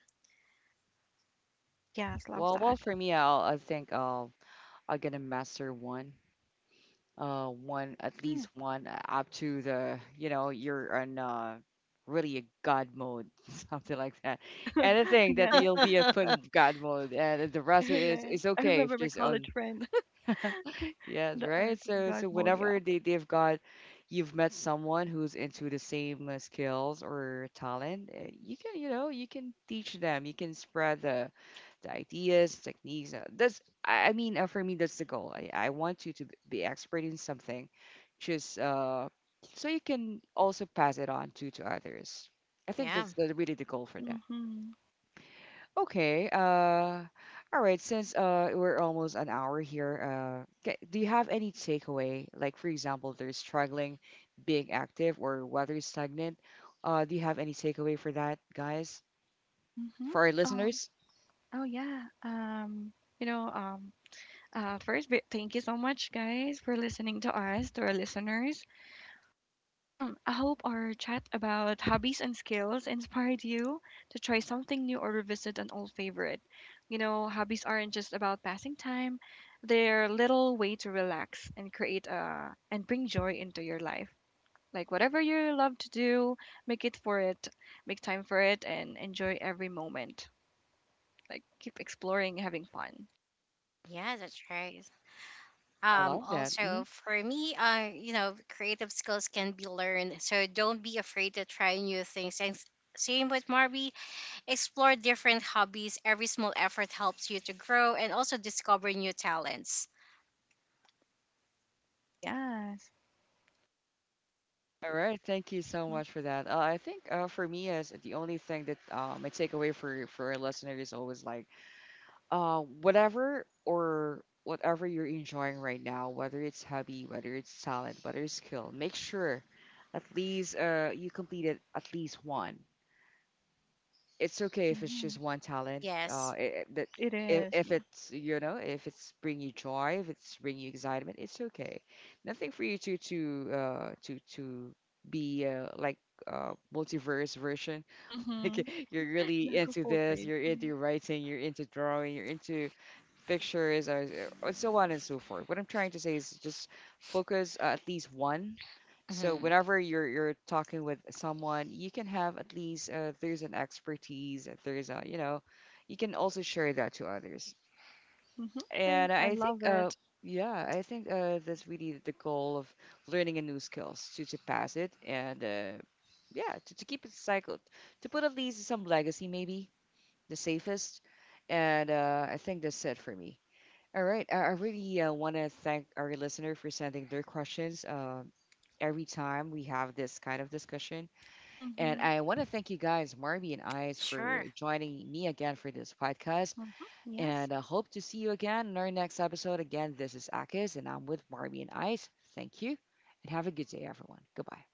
[SPEAKER 2] Yes, love
[SPEAKER 1] Well, well,
[SPEAKER 2] that.
[SPEAKER 1] for me, I'll I think I'll I'm gonna master one. Uh, one at least
[SPEAKER 2] Mm.
[SPEAKER 1] one uh, up to the you know you're on uh, really a god mode something like that, anything
[SPEAKER 2] Yeah,
[SPEAKER 1] that you'll be a put in god mode and the rest is
[SPEAKER 2] alright.
[SPEAKER 1] is
[SPEAKER 2] I
[SPEAKER 1] okay if
[SPEAKER 2] remember my
[SPEAKER 1] just
[SPEAKER 2] college
[SPEAKER 1] on.
[SPEAKER 2] friend,
[SPEAKER 1] Yes,
[SPEAKER 2] the
[SPEAKER 1] right.
[SPEAKER 2] art of
[SPEAKER 1] So,
[SPEAKER 2] God
[SPEAKER 1] so
[SPEAKER 2] mode. Yeah.
[SPEAKER 1] whenever they they've got, you've met someone who's into the same uh, skills or talent, uh, you can, you know, you can teach them. You can spread the, the ideas, techniques. uh, That's, I I mean, uh, for me, that's the goal. I, I want you to b- be expert in something, just uh, so you can also pass it on to to others. I think
[SPEAKER 3] Yeah,
[SPEAKER 1] that's the, really the goal for that.
[SPEAKER 2] Mm-hmm.
[SPEAKER 1] Okay. Uh, all right. Since uh, we're almost an hour here, uh, ca- do you have any takeaway? Like, for example, they're struggling being active or whether it's stagnant. Uh, do you have any takeaway for that, guys?
[SPEAKER 2] Mm-hmm.
[SPEAKER 1] For our
[SPEAKER 2] Um,
[SPEAKER 1] listeners?
[SPEAKER 2] oh yeah. Um, you know, um, uh, first, bi- thank you so much, guys, for listening to us, to our listeners. I hope our chat about hobbies and skills inspired you to try something new or revisit an old favorite. You know, hobbies aren't just about passing time, they're a little way to relax and create uh and bring joy into your life. Like whatever you love to do, make it for it, make time for it and enjoy every moment. Like keep exploring, having fun.
[SPEAKER 3] yeah, that's right.
[SPEAKER 1] I
[SPEAKER 3] Um,
[SPEAKER 1] love that.
[SPEAKER 3] also
[SPEAKER 1] Mhm.
[SPEAKER 3] for me, uh, you know, creative skills can be learned, so don't be afraid to try new things. And s- same with Marby, explore different hobbies. Every small effort helps you to grow and also discover new talents.
[SPEAKER 2] Yes.
[SPEAKER 1] All right. Thank you so much for that. Uh, I think uh, for me, as the only thing that uh, my takeaway for for a listener is always like uh, whatever or whatever you're enjoying right now, whether it's hobby, whether it's talent, whether it's skill, make sure at least uh, you completed at least one. It's okay if it's just
[SPEAKER 2] Mm-hmm.
[SPEAKER 1] one talent.
[SPEAKER 3] Yes.
[SPEAKER 1] Uh, it, that
[SPEAKER 2] It
[SPEAKER 1] if,
[SPEAKER 2] is,
[SPEAKER 1] if
[SPEAKER 2] yeah.
[SPEAKER 1] it's you know if it's bring you joy, if it's bring you excitement, it's okay. Nothing for you to to uh, to to be uh, like uh, multiverse version.
[SPEAKER 2] Mm-hmm.
[SPEAKER 1] Like you're really
[SPEAKER 2] Jack of
[SPEAKER 1] into
[SPEAKER 2] all
[SPEAKER 1] this,
[SPEAKER 2] trades.
[SPEAKER 1] you're into writing, you're into drawing, you're into pictures or or so on and so forth. What I'm trying to say is just focus uh, at least one. So
[SPEAKER 3] Mhm.
[SPEAKER 1] whenever you're you're talking with someone, you can have at least uh, there's an expertise, there's a you know, you can also share that to others.
[SPEAKER 2] Mm-hmm.
[SPEAKER 1] And
[SPEAKER 2] I
[SPEAKER 1] I think
[SPEAKER 2] love
[SPEAKER 1] uh
[SPEAKER 2] it.
[SPEAKER 1] yeah, I think uh that's really the goal of learning a new skills to to pass it and uh yeah to, to keep it cycled, to put at least some legacy maybe, the safest, and uh, I think that's it for me. All right. I, I really uh, want to thank our listener for sending their questions uh, every time we have this kind of discussion. And
[SPEAKER 2] Mm-hmm.
[SPEAKER 1] I want to thank you guys, Marby and Eyes, for
[SPEAKER 3] Sure.
[SPEAKER 1] joining me again for this podcast.
[SPEAKER 2] Mhm. Yes.
[SPEAKER 1] And I hope to see you again in our next episode. Again, this is Akis, and I'm with Marby and Eyes. Thank you, and have a good day, everyone. Goodbye.